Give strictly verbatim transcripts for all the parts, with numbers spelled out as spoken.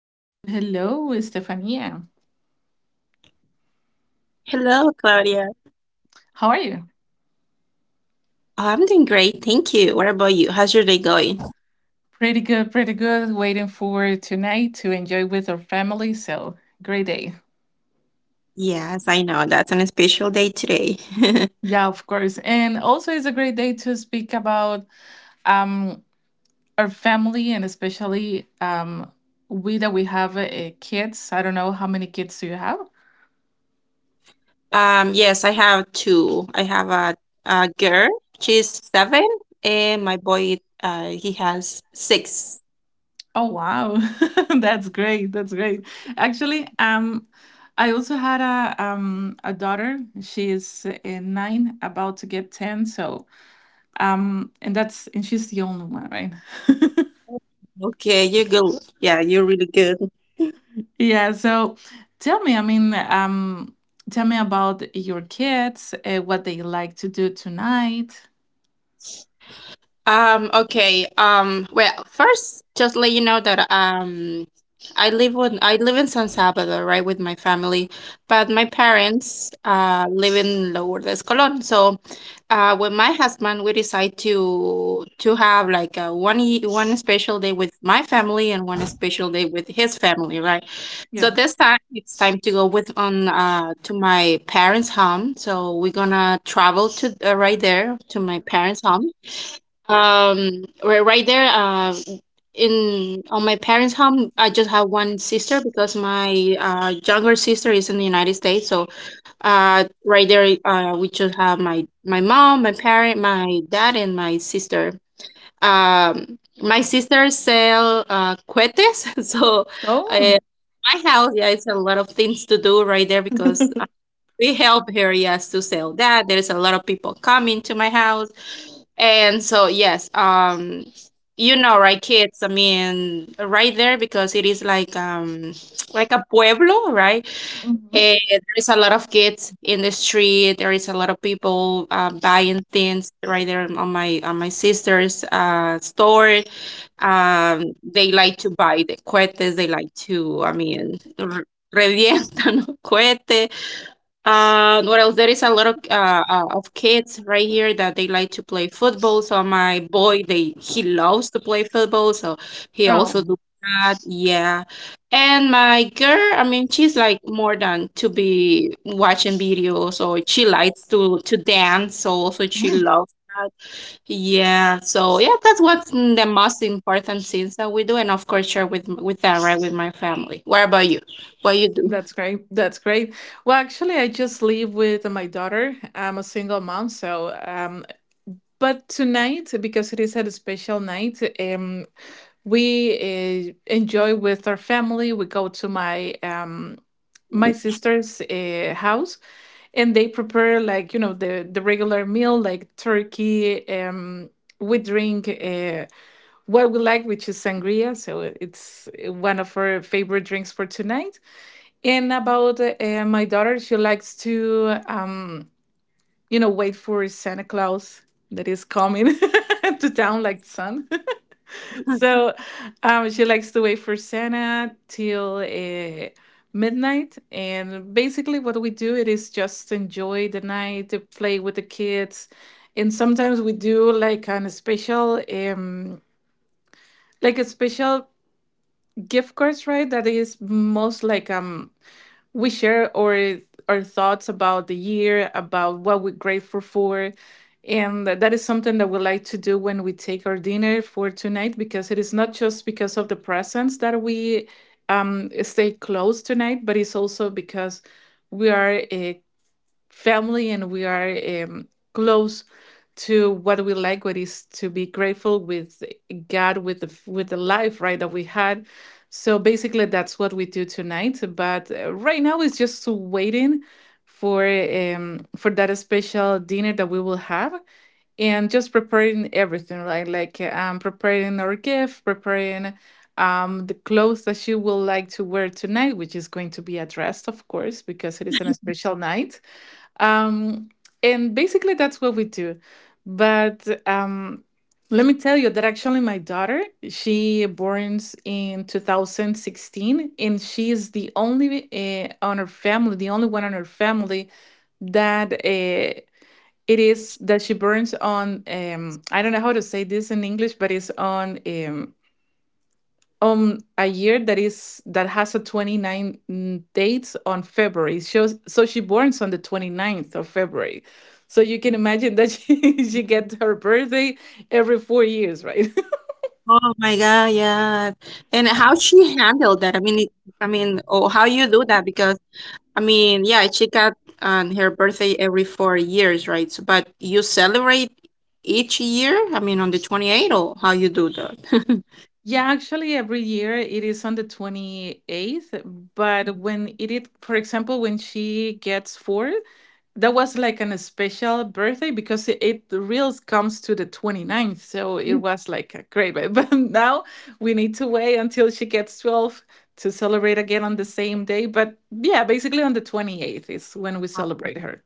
Hello, hello, Stefania. Hello, Claudia. How are you? I'm doing great, thank you. What about you? How's your day going? Pretty good, pretty good. Waiting for tonight to enjoy with our family. So, great day. Yes, I know that's an special day today. Yeah, of course. And also, it's a great day to speak about um, our family, and especially um, we that we have uh, kids. I don't know how many kids do you have? Um, yes, I have two. I have a, a girl, she's seven, and my boy, uh, he has six. Oh, wow. That's great. That's great. Actually, um, I also had a um, a daughter. She is uh, nine, about to get ten. So Um, and that's and she's the only one, right? Okay, you're good. Yeah, you're really good. Yeah. So tell me, I mean, um, tell me about your kids, uh, what they like to do tonight. Um, okay. Um, well, first, just let you know that um, I live with I live in San Salvador, right, with my family, but my parents uh live in Lower de Escalón. So, uh, with my husband, we decide to to have like a one ye- one special day with my family and one special day with his family, right? So Yeah. this time it's time to go with on uh to my parents' home. So we're gonna travel to uh, right there to my parents' home um, ri- right there, uh, in on my parents' home, I just have one sister because my uh, younger sister is in the United States. So, uh, right there, uh, we just have my my mom, my parent, my dad, and my sister. Um, my sister sell uh, cohetes, so uh, Oh. my house, yeah, it's a lot of things to do right there because we help her, yes, to sell that. There's a lot of people coming to my house. And so, yes, um, you know, right, kids, I mean, right there because it is like um like a pueblo, right? Mhm. And there's a lot of kids in the street. There is a lot of people uh, buying things right there on my on my sister's uh store. Um, they like to buy the cohetes. They like to, I mean, r- revientan cohete. Uh, what else? There is a lot of uh, uh, of kids right here that they like to play football. So my boy, they he loves to play football, so he also do Oh. that. Yeah, and my girl, I mean, she's like more than to be watching videos, or she likes to to dance. So also she Mm, loves that. Yeah, so yeah, that's what's the most important things that we do, and of course share with with that right with my family. What about you? What you do? That's great. That's great. Well, actually, I just live with my daughter. I'm a single mom, so, um, but tonight, because it is a special night, um, we uh, enjoy with our family. We go to my um, my sister's uh, house, and they prepare, like, you know the the regular meal, like turkey. Um, we drink uh, what we like, which is sangria. So it's one of her favorite drinks for tonight. And about uh, my daughter, she likes to um, you know wait for Santa Claus that is coming to town like son. So um, she likes to wait for Santa till uh, midnight. And basically, what we do it is just enjoy the night, to play with the kids, and sometimes we do like an special, um, like a special gift cards, right? That is most like um we share our our thoughts about the year, about what we're grateful for. And that is something that we like to do when we take our dinner for tonight, because it is not just because of the presence that we um, stay close tonight, but it's also because we are uh, family, and we are um, close to what we like, what is to be grateful with god, with the with the life, right, that we had. So basically that's what we do tonight. But uh, right now it's just waiting for um for that special dinner that we will have, and just preparing everything, right, like uh, um preparing our gift, preparing um the clothes that she will like to wear tonight, which is going to be a dress, of course, because it is an special night. Um, and basically, that's what we do. But um, let me tell you that actually, my daughter, she borns in twenty sixteen, and she is the only uh, on her family, the only one on her family that uh, it is that she burns on. Um, I don't know how to say this in English, but it's on. Um, um a year that is that has a twenty nine n- dates on february. It shows. So she borns on the twenty ninth of february, so you can imagine that she, she gets her birthday every four years, right? Oh my God, yeah. And how she handled that? I mean, it, I mean, oh, how you do that? Because I mean, yeah, she got um, her birthday every four years, right? So, but you celebrate each year? I mean, on the twenty-eighth, or how you do that? Yeah, actually, every year it is on the twenty eighth. But when it is, for example, when she gets four, that was like an special birthday, because it, it reels comes to the 29th. So it was like a great way. But now we need to wait until she gets twelve to celebrate again on the same day. But yeah, basically on the twenty eighth is when we celebrate her.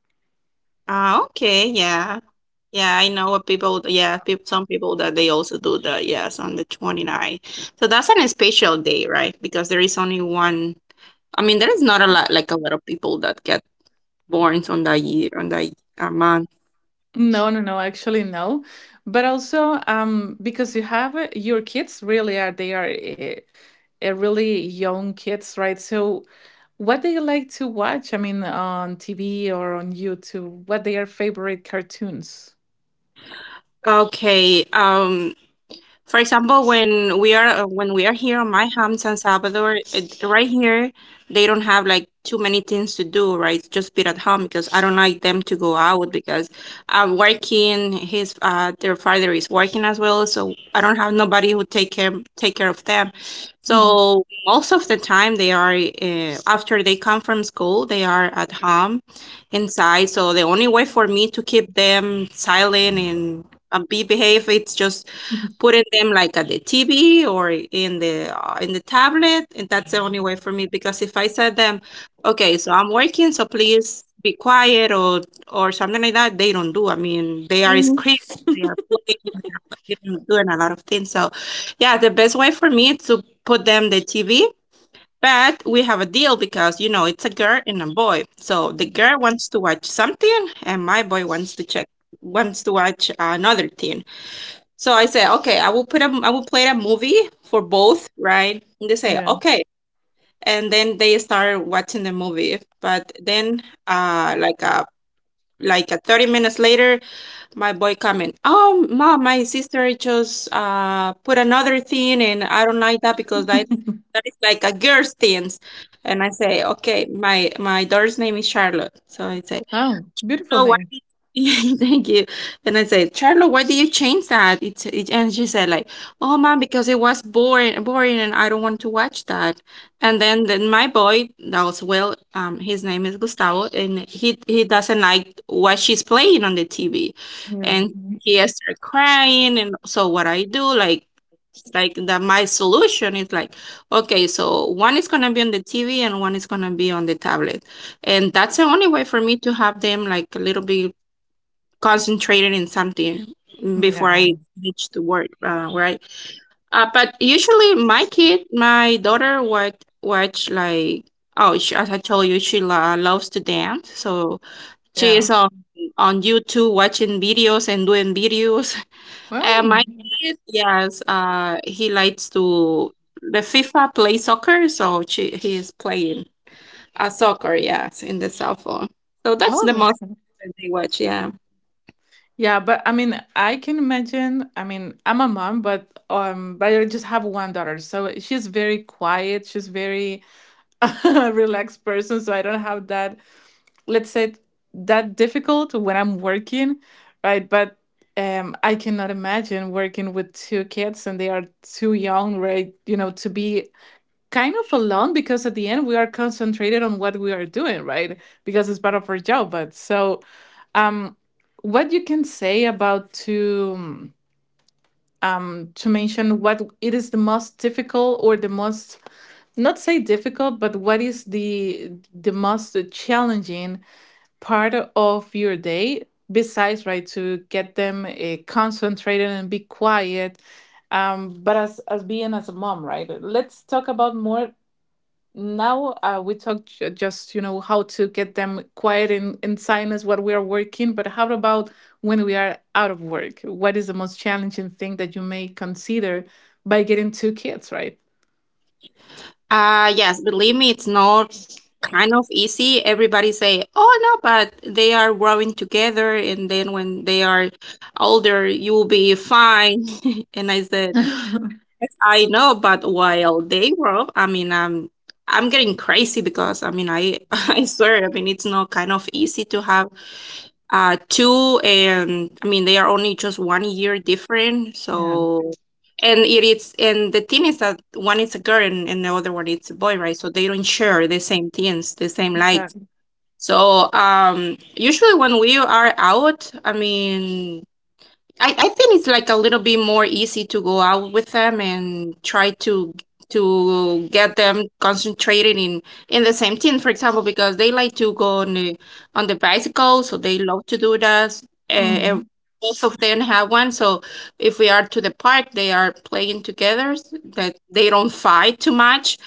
Ah, okay, yeah. Yeah, I know what people, yeah, peop some people that they also do that, yes, on the 29th. So that's an special day, right? Because there is only one, I mean, there is not a lot, like a lot of people that get born on the year on the a month. No, no, no, actually no. But also, um, because you have uh, your kids, really are they are uh, uh, really young kids, right? So what they like to watch? I mean, on T V or on YouTube, what their favorite cartoons? Okay. Um. For example, when we are uh, when we are here on my home, San Salvador, it, right here, they don't have like too many things to do, right? Just be at home because I don't like them to go out because I'm working. His uh, Their father is working as well, so I don't have nobody who take care take care of them. Mm-hmm. So most of the time they are uh, after they come from school, they are at home inside. So the only way for me to keep them silent and uh, be behave, it's just Mhm. putting them like at the T V or in the uh, in the tablet, and that's the only way for me because if I said them, okay, so I'm working, so please be quiet or or something like that, they don't do. I mean, they are screaming, they are playing, they are doing a lot of things. So, yeah, the best way for me is to put them the T V. But we have a deal because you know it's a girl and a boy. So the girl wants to watch something, and my boy wants to check wants to watch another thing. So I said, okay, I will put a, I will play a movie for both, right? And they say, Yeah. okay. And then they start watching the movie. But then, uh, like a, like a thirty minutes later, my boy coming, oh, mom, my sister just uh put another thing, and I don't like that because that that is like a girl's things. And I say, okay, my my daughter's name is Charlotte. So I say, Oh, beautiful Charlo, why name. did Thank you. And I said, Charlo, why did you change that? It's it, and she said like, oh man, because it was boring, boring, and I don't want to watch that. And then then my boy, that was well, um, his name is Gustavo, and he he doesn't like what she's playing on the T V, Yeah. and Mhm. he started crying. And so what I do like. Like that, my solution is like, okay, so one is gonna be on the T V and one is gonna be on the tablet. And that's the only way for me to have them like a little bit concentrated in something before Yeah. I reach to work, uh, right? Uh, but usually my kid, my daughter would watch like, oh, she, as I told you, she lo- loves to dance. So she Yeah. is on, on YouTube watching videos and doing videos. And Well, my kid, yes, uh, he likes to, the FIFA play soccer. So she, he is playing. Uh, soccer, yes, in the cell phone. So I that's love the most that. that they watch, yeah. Yeah, but I mean, I can imagine. I mean, I'm a mom, but um, but I just have one daughter, so she's very quiet. She's very relaxed person, so I don't have that, let's say, that difficult when I'm working, right? But um, I cannot imagine working with two kids and they are too young, right? You know, to be kind of alone, because at the end we are concentrated on what we are doing, right? Because it's part of our job. But so, what you can say about to um, to mention what it is the most difficult, or the most not say difficult, but what is the the most challenging part of your day, besides, right, to get them uh, concentrated and be quiet. Um, but as as being as a mom, right, let's talk about more now. Uh, we talked ju- just, you know, how to get them quiet in, in silence while we are working, but how about when we are out of work? What is the most challenging thing that you may consider by getting two kids, right? Uh, yes, believe me, it's not kind of easy. Everybody say, "Oh no," but they are growing together, and then when they are older, you will be fine. And I said, "Yes, "I know," but while they grow, I mean, I'm I'm getting crazy because I mean, I I swear, I mean, it's not kind of easy to have Uh, two, and I mean they are only just one year different. Yeah, So, and it is, and the thing is that one is a girl and, and the other one is a boy, right? So they don't share the same things, the same likes. exactly. So, um, usually when we are out, I mean, I, I think it's like a little bit more easy to go out with them and try to to get them concentrated in in the same team, for example, because they like to go on the on the bicycle, so they love to do that. Uh, ev- Hmm. Both of them have one, so if we are to the park, they are playing together. s- That they don't fight too much,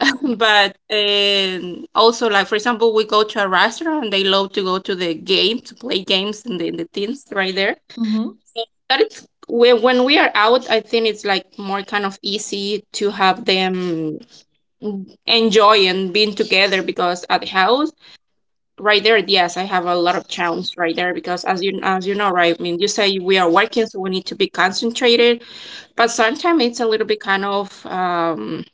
but um, also like for example, we go to a restaurant and they love to go to the game to play games in the in the teams right there Hmm. that is when when we are out, I think it's like more kind of easy to have them enjoy and being together because at the house, right there, yes, I have a lot of challenge right there because as you as you know, right, I mean, you say we are working, so we need to be concentrated, but sometimes it's a little bit kind of um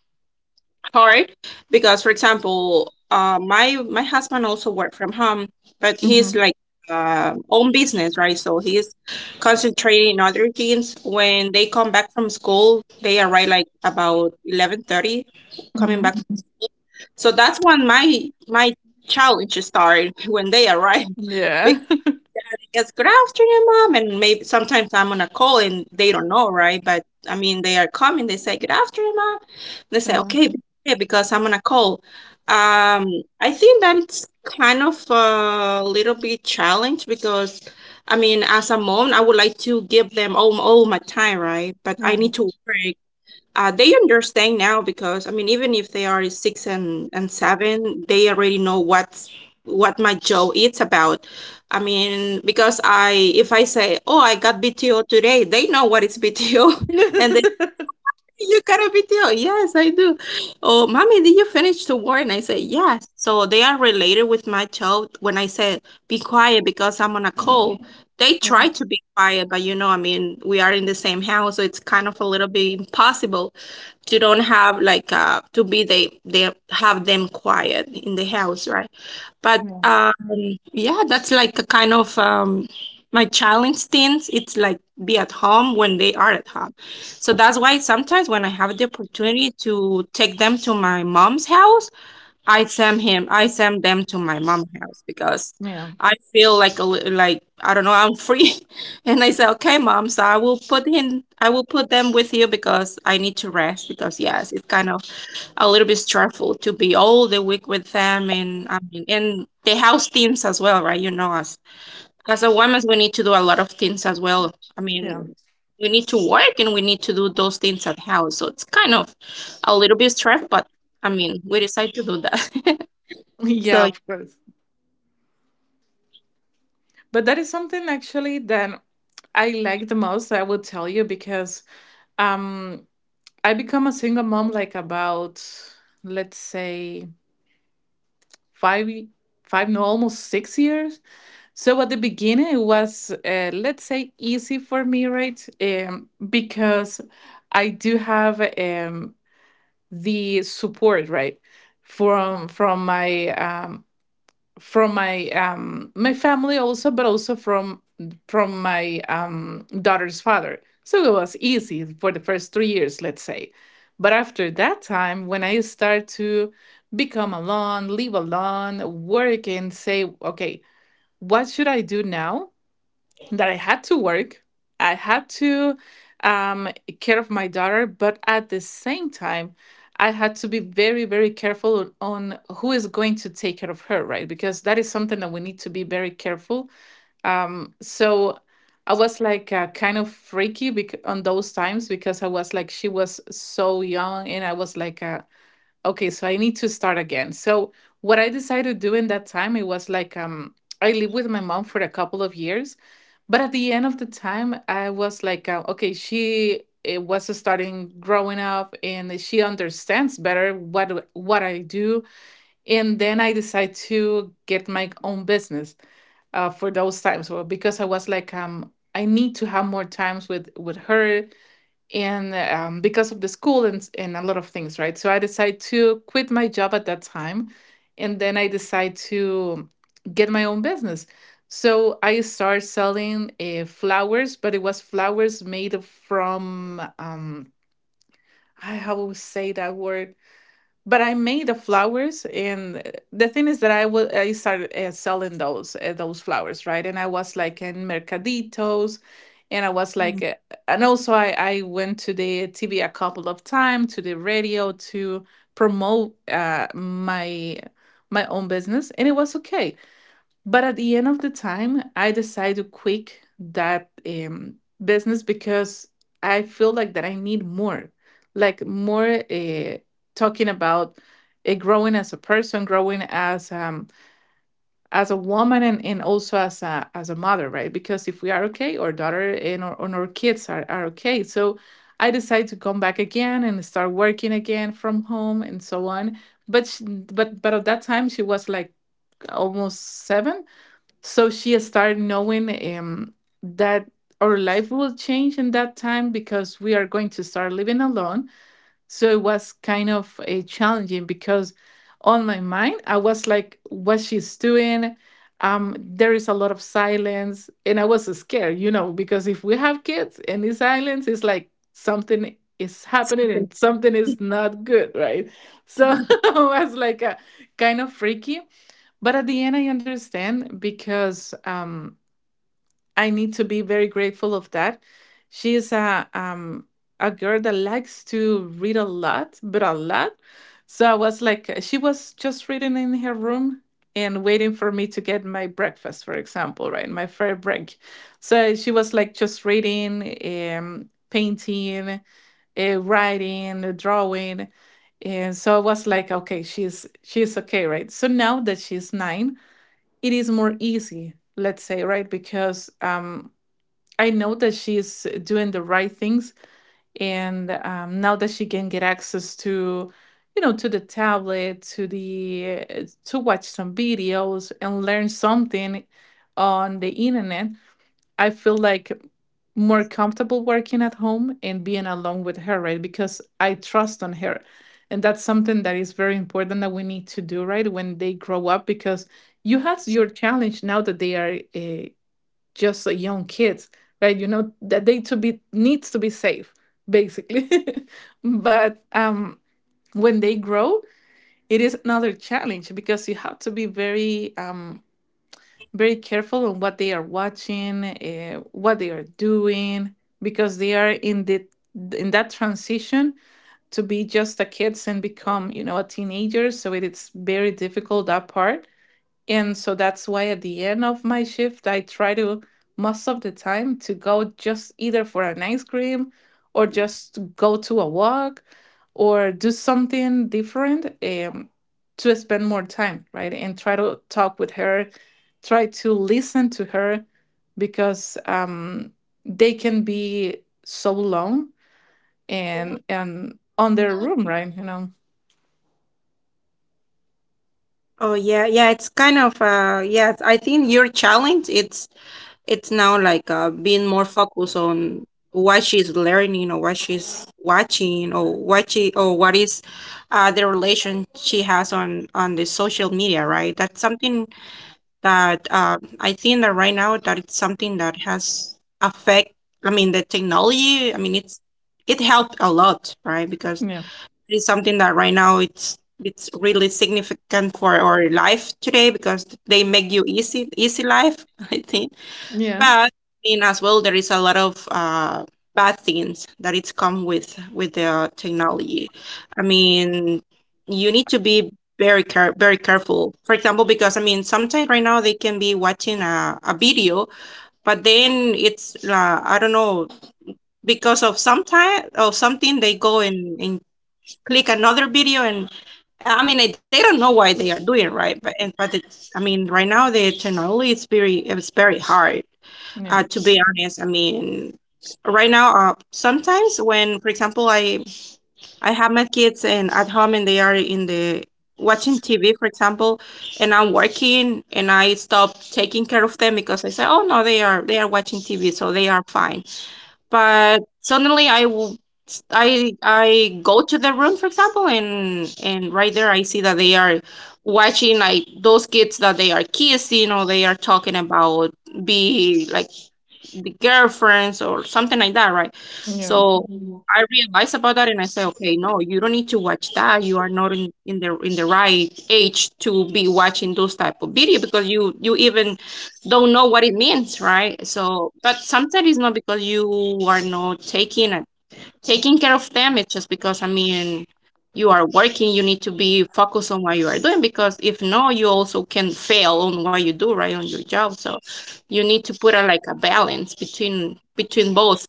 hard because for example uh, my my husband also work from home but Hmm. he's like uh, own business right so he's concentrating on other things when they come back from school they arrive like about eleven thirty coming back Hmm. so that's when my my challenge start when they arrive Yeah. Yes, good afternoon, mom. And maybe sometimes I'm on a call and they don't know, right? But I mean, they are coming. They say, good afternoon, mom. They say, Yeah, okay, be- yeah, because I'm on a call. Um, I think that's kind of a little bit challenge because, I mean, as a mom, I would like to give them all, all my time, right? But I yeah. need to work. Uh, they understand now because I mean, even if they are six and, and seven, they already know what what my job is about. I mean, because I if I say, "Oh, I got B T O today," they know what is B T O, and they You got a video? Yes, I do. Oh, mommy, did you finish the war? And I said, yes. So they are related with my child. When I said, be quiet because I'm on a call, they try Yeah, to be quiet, but you know, I mean, we are in the same house, so it's kind of a little bit impossible to don't have like uh to be they they have them quiet in the house, right? But yeah, um, yeah, that's like a kind of um, my child instincts. It's like be at home when they are at home. So that's why sometimes when I have the opportunity to take them to my mom's house, I send him, I send them to my mom's house because yeah, I feel like a li- like I don't know, I'm free. And I said, okay, mom, so I will put in I will put them with you because I need to rest because yes, it's kind of a little bit stressful to be all the week with them, and I mean, and the house teams as well, right? You know, as as a woman, we need to do a lot of things as well. I yeah. mean, we need to work and we need to do those things at house. So it's kind of a little bit stressful, but I mean, we decide to do that. So Yeah, of course, but that is something actually that I like the most, I will tell you, because um I become a single mom, like, about, let's say, five y- five, no, almost six years. So at the beginning it was uh, let's say easy for me, right? Um, because I do have um the support, right, from from my um from my um my family, also, but also from from my um daughter's father. So it was easy for the first three years, let's say. But after that time, when I start to become alone, live alone, work, and say, okay, what should I do now that I had to work, I had to um, care of my daughter, but at the same time, I had to be very, very careful on who is going to take care of her, right? Because that is something that we need to be very careful. Um, so I was like, uh, kind of freaky bec- on those times, because I was like, she was so young, and I was like, uh, okay, so I need to start again. So what I decided to do in that time, it was like, um I lived with my mom for a couple of years. But at the end of the time I was like, uh, okay, she it was starting growing up, and she understands better what what I do, and then I decided to get my own business uh, for those times. Well, because I was like, um I need to have more times with with her, and um, because of the school, and, s- and a lot of things, right? So I decided to quit my job at that time, and then I decided to get my own business. So I started selling uh, flowers, but it was flowers made of- from, um, I, how would say that word, but I made the flowers, and uh, the thing is that I was I started uh, selling those uh, those flowers, right? And I was like in mercaditos, and I was like, uh, and also I I went to the T V a couple of times, to the radio to promote uh, my my own business, and it was okay. But at the end of the time, I decide to quit that um, business, because I feel like that I need more, like more, uh, talking about uh, growing as a person, growing as um, as a woman, and, and also as a as a mother, right? Because if we are okay, our daughter and our, and our kids are, are okay. So I decide to come back again and start working again from home, and so on. But she, but but at that time, she was like almost seven, so she started knowing um, that our life will change in that time, because we are going to start living alone. So it was kind of a challenging, because on my mind, I was like, what she's doing. Um, there is a lot of silence. And I was scared, you know, because if we have kids and it's silence, it's like something is happening and something yeah. is not good, right? So it was like a kind of freaky. But at the end, I understand, because um, I need to be very grateful of that. She is a um a girl that likes to read a lot, but a lot. So I was like, uh, she was just reading in her room and waiting for me to get my breakfast, for example, right? My fair break. So she was like just reading, um, painting, uh, writing, uh, drawing, and so I was like, okay, she's she's okay, right? So now that she's nine, it is more easy, let's say, right? Because um, I know that she's doing the right things, and um, now that she can get access to, you know, to the tablet, to the uh, to watch some videos and learn something on the internet, I feel like more comfortable working at home and being alone with her, right? Because I trust on her. And that's something that is very important that we need to do, right? When they grow up, because you have your challenge now that they are uh, just uh, young kids, right? You know that they to be needs to be safe, basically. but um, when they grow, it is another challenge because you have to be very um, very careful on what they are watching, uh, what they are doing, because they are in the in that transition to be just a kids and become you know a teenager. So it is very difficult that part, and so that's why at the end of my shift, I try to most of the time to go just either for an ice cream or just go to a walk or do something different, um, to spend more time, right? And try to talk with her, try to listen to her because um, they can be so long and and on their room, right? You know? Oh yeah, yeah, it's kind of uh yeah, I think your challenge, it's it's now like uh being more focused on what she's learning or what she's watching or what she or what is uh the relation she has on on the social media, right? That's something that uh I think that right now that it's something that has affect, I mean, the technology, I mean, it's it helped a lot, right? Because Yeah. it's something that right now it's it's really significant for our life today because they make you easy, easy life, I think. Yeah. But I mean, as well, there is a lot of uh bad things that it's come with with the technology. I mean, you need to be very care very careful. For example, because I mean, sometimes right now they can be watching a, a video, but then it's uh, I don't know, because of sometime or something, they go and, and click another video, and I mean, they don't know what they are doing, right? But and but it's, I mean, right now the technology is very it's very hard. Uh, Yeah. To be honest, I mean, right now, uh, sometimes when, for example, I I have my kids and at home and they are in the watching T V, for example, and I'm working and I stop taking care of them because I say, oh no, they are they are watching T V, so they are fine. But suddenly I, will I, I go to the room, for example, and and right there I see that they are watching like those kids that they are kissing or they are talking about be like be girlfriends or something like that, right? Yeah. So I realized about that and I said, okay, no, you don't need to watch that. You are not in, in the in the right age to be watching those type of video because you you even don't know what it means, right? So, but sometimes it's not because you are not taking a taking care of them, it's just because I mean you are working, you need to be focused on what you are doing, because if no, you also can fail on what you do, right, on your job. So you need to put a, like a balance between between both.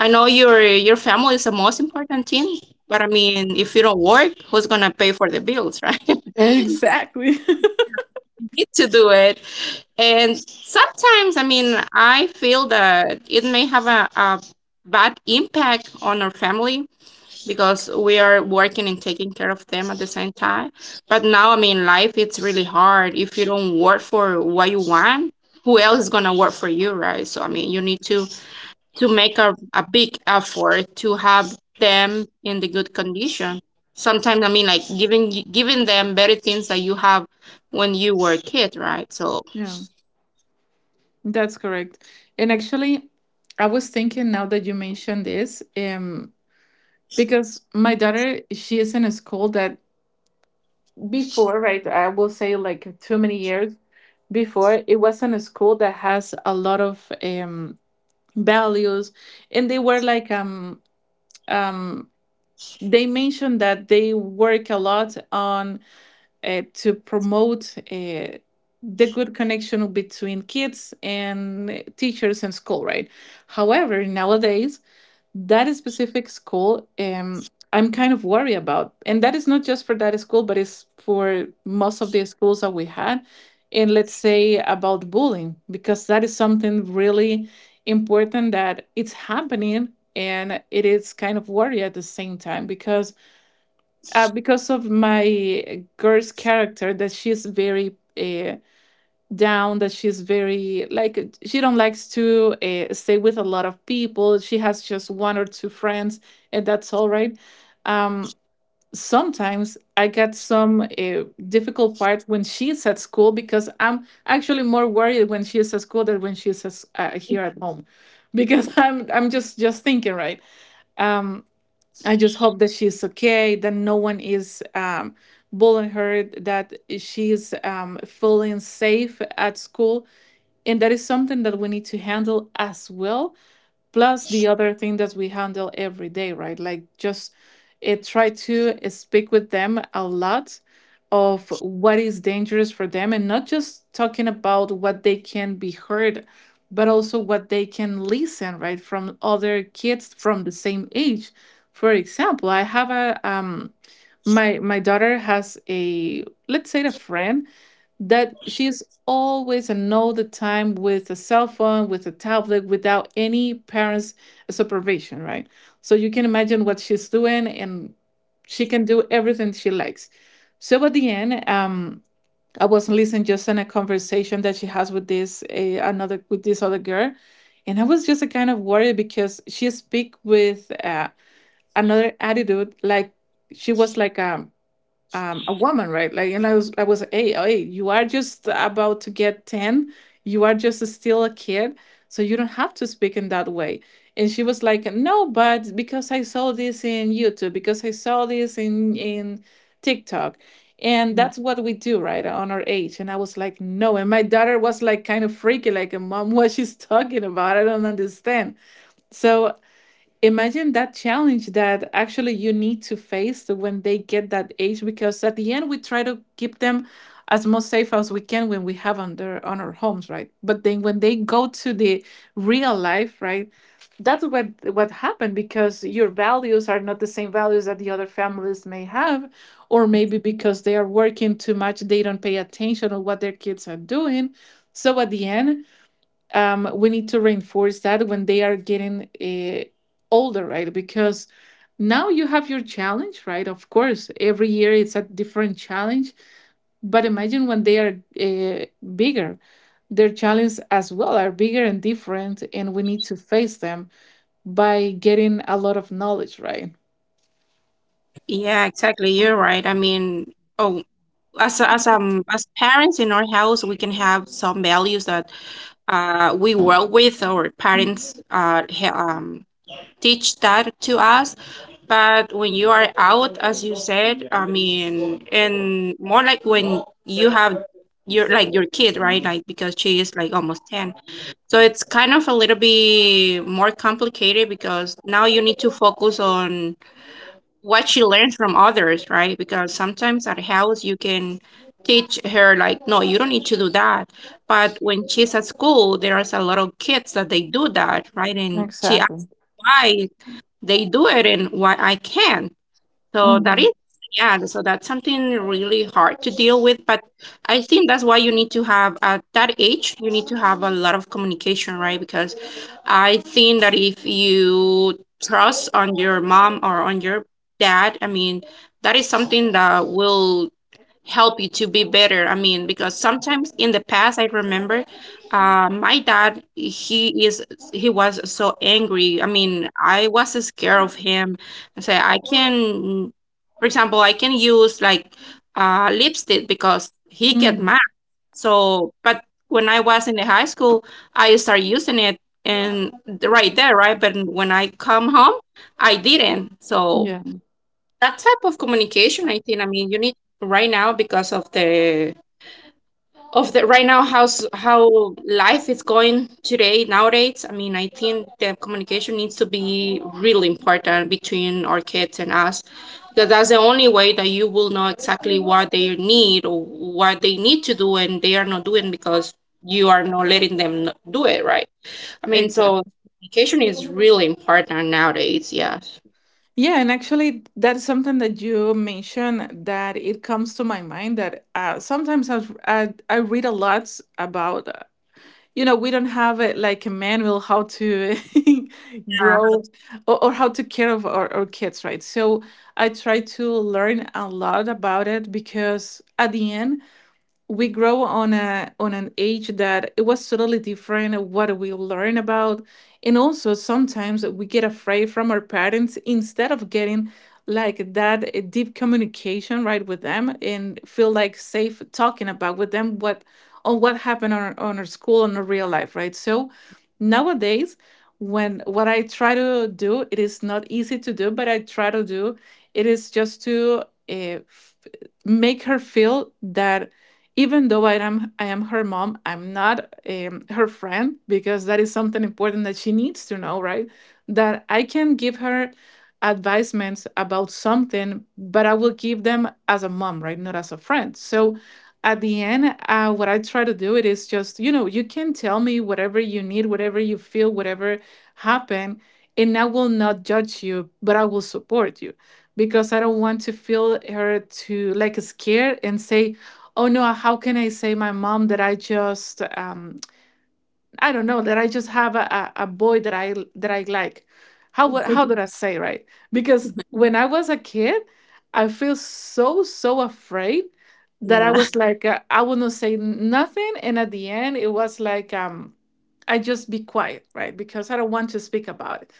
I know your your family is the most important thing, but I mean if you don't work, who's gonna pay for the bills, right? You Exactly. need to do it. And sometimes, I mean, I feel that it may have a, a bad impact on our family because we are working and taking care of them at the same time. But now, I mean, life it's really hard. If you don't work for what you want, who else is gonna work for you, right? So I mean, you need to to make a, a big effort to have them in the good condition. Sometimes I mean, like giving giving them better things that you have when you were a kid, right? So Yeah. That's correct. And actually, I was thinking now that you mentioned this, um, because my daughter, she is in a school that before, right, I will say like too many years before, it wasn't a school that has a lot of um values. And they were like, um um they mentioned that they work a lot on. Uh, to promote uh, the good connection between kids and uh, teachers and school, right? However, nowadays, that specific school, um, I'm kind of worried about. And that is not just for that school, but it's for most of the schools that we had. And let's say about bullying, because that is something really important that it's happening, and it is kind of worry at the same time because uh, because of my girl's character, that she's very uh, down, that she's very, like, she don't likes to uh, stay with a lot of people. She has just one or two friends, and that's all right. um, Sometimes I get some uh, difficult parts when she's at school because I'm actually more worried when she is at school than when she's at s- uh, here at home because i'm i'm just just thinking, right. Um, I just hope that she's okay, that no one is um, bullying her, that she's um, feeling safe at school. And that is something that we need to handle as well, plus the other thing that we handle every day, right? Like, just it try to eh, speak with them a lot of what is dangerous for them, and not just talking about what they can be heard, but also what they can listen, right, from other kids from the same age. For example, I have a um my my daughter has a, let's say, a friend that she's always and all the time with a cell phone, with a tablet, without any parents' supervision, right? So you can imagine what she's doing, and she can do everything she likes. So at the end, um, I was listening just in a conversation that she has with this eh, another with this other girl, and I was just a kind of worried because she speak with uh, another attitude, like she was like, um um, a woman, right? Like, and I was, I was, hey, hey, you are just about to get ten. You are just still a kid, so you don't have to speak in that way. And she was like, no, but because I saw this in YouTube, because I saw this in in TikTok, and that's what we do, right, on our age. And I was like, no. And my daughter was like, kind of freaky, like, mom, what she's talking about, I don't understand. So imagine that challenge that actually you need to face when they get that age, because at the end we try to keep them as most safe as we can when we have on their on our homes, right? But then when they go to the real life, right, that's what what happened, because your values are not the same values that the other families may have, or maybe because they are working too much they don't pay attention on what their kids are doing. So at the end, um, we need to reinforce that when they are getting uh, older, right? Because now you have your challenge, right? Of course, every year it's a different challenge. But imagine when they are uh, bigger, their challenges as well are bigger and different, and we need to face them by getting a lot of knowledge, right? yeah, exactly. You're right. I mean, oh, as a- as um, as parents in our house, we can have some values that uh, we work with. Our parents uh, he- um, teach that to us. But when you are out, as you said, I mean, and more like when you have your like your kid, right? Like because she is like almost ten. So it's kind of a little bit more complicated because now you need to focus on what she learned from others, right? Because sometimes at house you can teach her like, no, you don't need to do that. But when she's at school, there is a lot of kids that they do that, right? And she Exactly. asked why they do it and why I can't. So that Mm-hmm. is, yeah, so that's something really hard to deal with. But I think that's why you need to have, at that age, you need to have a lot of communication, right? Because I think that if you trust on your mom or on your dad, I mean, that is something that will help you to be better. I mean, because sometimes in the past, I remember uh, my dad, he is he was so angry. I mean, I was scared of him. I say I can, for example, I can use like uh, lipstick because he get Mhm. mad. So, but when I was in the high school, I started using it and right there, right? But when I come home, I didn't. So Yeah, that type of communication, I think, I mean, you need right now because of the of the right now how's how life is going today nowadays, I mean, I think the communication needs to be really important between our kids and us, because that's the only way that you will know exactly what they need or what they need to do and they are not doing because you are not letting them n- do it, right? I mean, so exactly. communication is really important nowadays, yes. Yeah, and actually, that's something that you mentioned that it comes to my mind that uh, sometimes I, I I read a lot about, uh, you know we don't have a, like a manual how to Yeah, how grow to- or, or how to care of our, our kids, right? So I try to learn a lot about it because at the end we grow on a on an age that it was totally different what we learn about. And also sometimes we get afraid from our parents instead of getting like that uh, deep communication, right, with them and feel like safe talking about with them what, on, what happened on, our- on our school and our real life, right? So nowadays when what I try to do, it is not easy to do, but I try to do, it is just to uh, f- make her feel that even though I am I am her mom, I'm not um, her friend because that is something important that she needs to know, right? That I can give her advisements about something, but I will give them as a mom, right? Not as a friend. So at the end, uh, what I try to do, it is just, you know you can tell me whatever you need, whatever you feel, whatever happened, and I will not judge you, but I will support you because I don't want to feel her to like scared and say, oh no, how can I say my mom that I just, um, I don't know, that I just have a, a, a boy that I that I like. How would how did I say, right? Because when I was a kid, I feel so, so afraid that I yeah. was like, uh, I would not say nothing, and at the end it was like, um I just be quiet, right? Because I don't want to speak about it.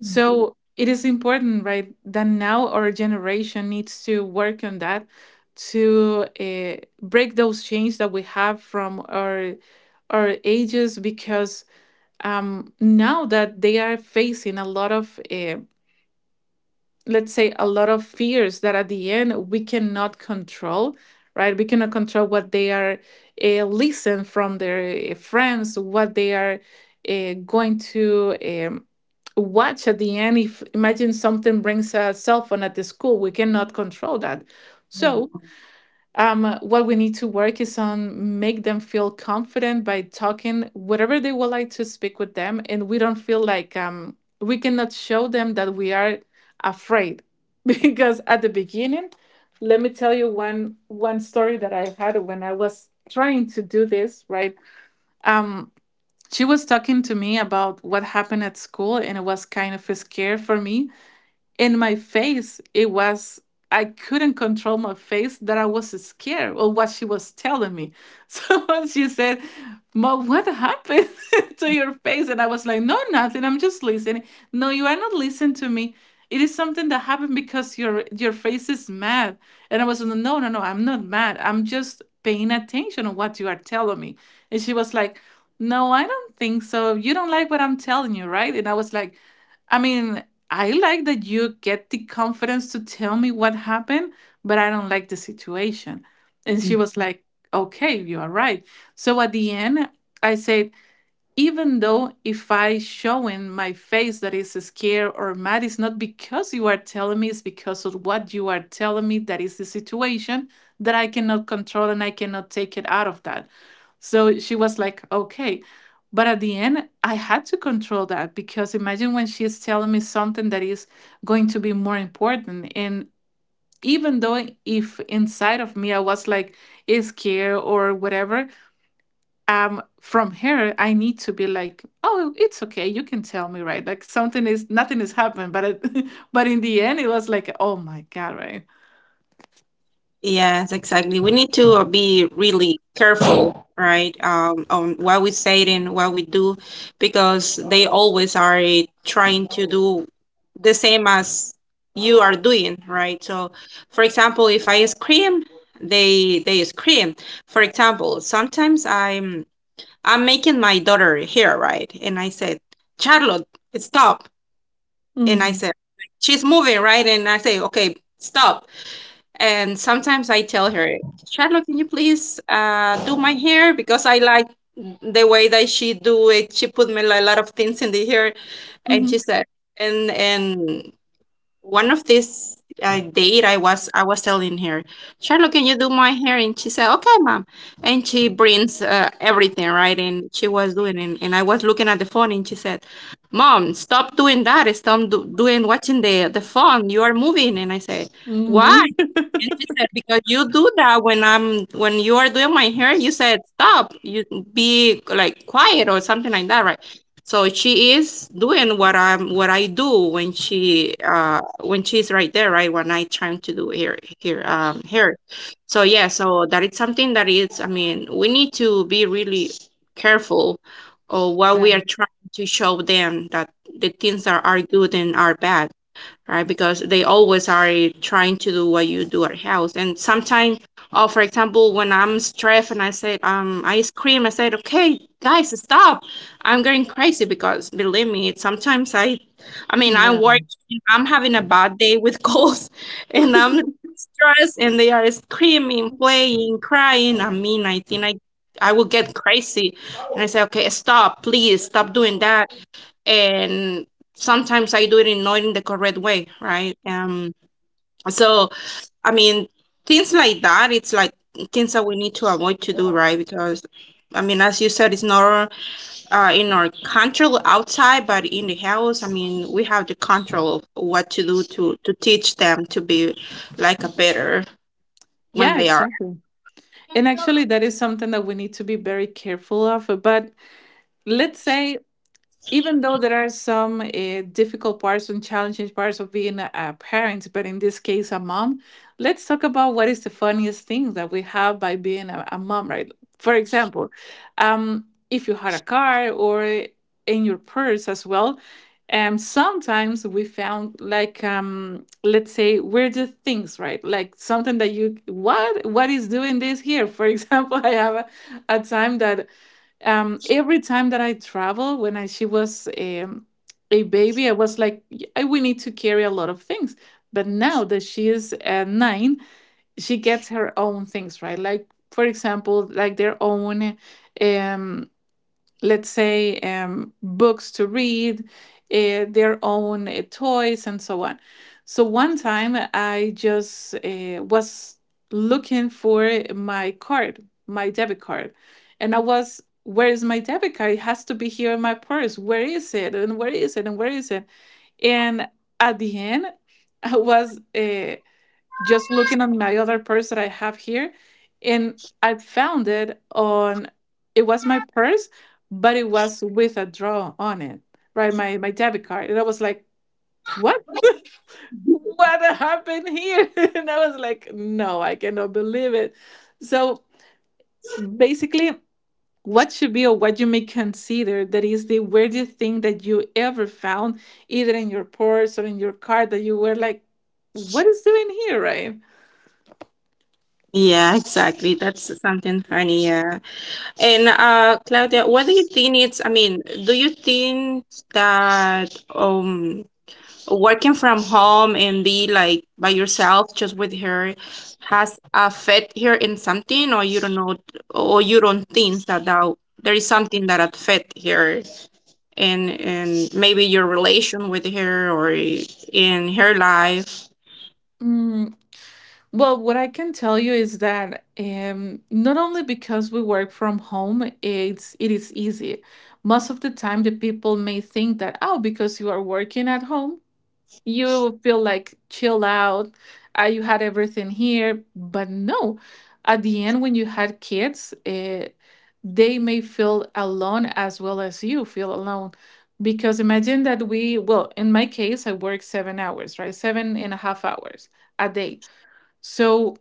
So it is important, right, that now our generation needs to work on that to uh, break those chains that we have from our or ages because um, now that they are facing a lot of, uh, let's say, a lot of fears that at the end we cannot control, right? We cannot control what they are uh, listen from their uh, friends, what they are uh, going to. Um, watch at the end. If imagine something brings a cell phone at the school, we cannot control that. So um, what we need to work is on make them feel confident by talking whatever they would like to speak with them, and we don't feel like, um, we cannot show them that we are afraid because at the beginning, let me tell you one one story that I had when I was trying to do this, right. um, she was talking to me about what happened at school, and it was kind of a scare for me, and my face it was I couldn't control my face, that I was scared of what she was telling me. So she said, mom, what happened to your face? And I was like, no, nothing, I'm just listening. No, you are not listening to me, it is something that happened because your your face is mad. And I was like, no, no, no, I'm not mad, I'm just paying attention on what you are telling me. And she was like, no, I don't think so, you don't like what I'm telling you, right? And I was like, I mean, I like that you get the confidence to tell me what happened, but I don't like the situation. And she was like, okay, you are right. So at the end, I said, even though if I showing my face that is scared or mad, it's not because you are telling me, it's because of what you are telling me, that is the situation that I cannot control and I cannot take it out of that. So she was like, okay. But at the end, I had to control that because imagine when she is telling me something that is going to be more important. And even though if inside of me I was like scared or whatever, um from her I need to be like, oh, it's okay, you can tell me, right? Like something is, nothing has happened. But it, but in the end it was like, oh my god, right? Yes, exactly. We need to uh, be really careful, right? Um, on what we say and what we do, because they always are eh, trying to do the same as you are doing, right? So, for example, if I scream, they they scream. For example, sometimes I'm I'm making my daughter here, right? And I said, Charlotte, stop. And I Hmm, said, she's moving, right? And I say, okay, stop. And sometimes I tell her, Charlotte, can you please uh, do my hair? Because I like the way that she do it. She put me like a lot of things in the hair. And she hmm, said, and and one of these uh, date I was, I was telling her, Charlotte, can you do my hair? And she said, okay, mom. And she brings uh, everything, right? And she was doing, and and I was looking at the phone and she said, mom, stop doing that. Stop do doing watching the, the phone. You are moving. And I said, why? hmm. And she said, because you do that when I'm, when you are doing my hair, you said stop, you be like quiet or something like that, right? So she is doing what I'm what I do when she uh when she's right there, right? When I trying to do here here um, here. So yeah, so that is something that is, I mean, we need to be really careful of what we are trying to show them, that the things that are good and are bad, right? Because they always are trying to do what you do at house. And sometimes, oh, for example, when I'm stressed and I said, um, I scream, I said, okay, guys, stop. I'm going crazy, because believe me, it, sometimes I, I mean, I'm Yeah, working, I'm having a bad day with calls and I'm stressed and they are screaming, playing, crying. I mean, I think I, I will get crazy. And I say, okay, stop, please stop doing that, and sometimes I do it in not in the correct way, right? Um, so I mean, things like that, it's like things that we need to avoid to do, right? Because I mean, as you said, it's not uh, in our control outside, but in the house, I mean, we have the control of what to do, to to teach them to be like a better when yeah, they are. exactly. And actually, that is something that we need to be very careful of. But let's say, even though there are some uh, difficult parts and challenging parts of being a, a parent, but in this case, a mom, let's talk about what is the funniest thing that we have by being a, a mom, right? For example, um, if you had a car or in your purse as well, um, sometimes we found like, um, let's say, weird things, right? Like something that you, what what is doing this here? For example, I have a, a time that, um, every time that I travel, when I, she was um, a baby, I was like, I, we need to carry a lot of things. But now that she is uh, nine, she gets her own things, right? Like, for example, like their own, um, let's say, um, books to read, uh, their own uh, toys, and so on. So one time I just uh, was looking for my card, my debit card, and I was, where is my debit card? It has to be here in my purse. Where is it? And where is it? And where is it? And at the end, I was. Uh, just looking at my other purse that I have here, and I found it on, it was my purse, but it was with a draw on it, right? My my debit card. And I was like, what? What happened here? And I was like, no, I cannot believe it. So basically, what should be or what you may consider that is the weirdest thing that you ever found, either in your purse or in your card, that you were like, what is doing here, right? Yeah, exactly. That's something funny. Yeah. And uh, Claudia, what do you think it's, I mean, do you think that um, working from home and be like by yourself just with her has affect her in something, or you don't know or you don't think that, that there is something that affect her and and maybe your relation with her or in her life? Mm. Well, what I can tell you is that, um, not only because we work from home, it's it is easy. Most of the time, the people may think that, oh, because you are working at home, you feel like chill out, uh, you had everything here. But no, at the end, when you had kids, uh, they may feel alone as well as you feel alone. Because imagine that we, well, in my case, I work seven hours, right? Seven and a half hours a day. So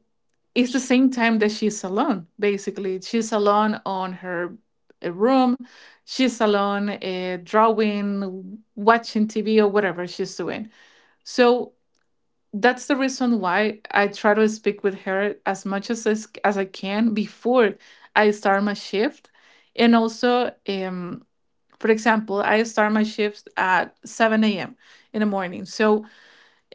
it's the same time that she's alone. Basically, she's alone on her uh, room, she's alone uh, drawing, watching TV, or whatever she's doing. So that's the reason why I try to speak with her as much as, as, as I can before I start my shift. And also, um, for example, I start my shift at seven a.m in the morning, so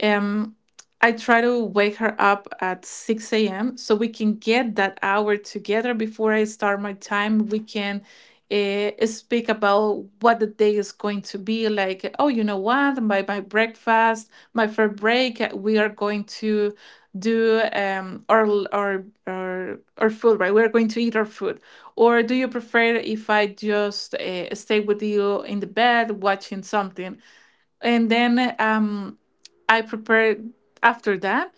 um, I try to wake her up at six a m so we can get that hour together before I start my time. We can uh, speak about what the day is going to be like. Oh, you know what? My, my breakfast, my first break, uh, we are going to do um our, l- our our our food, right? We're going to eat our food, or do you prefer if I just uh, stay with you in the bed watching something, and then um I prepared after that.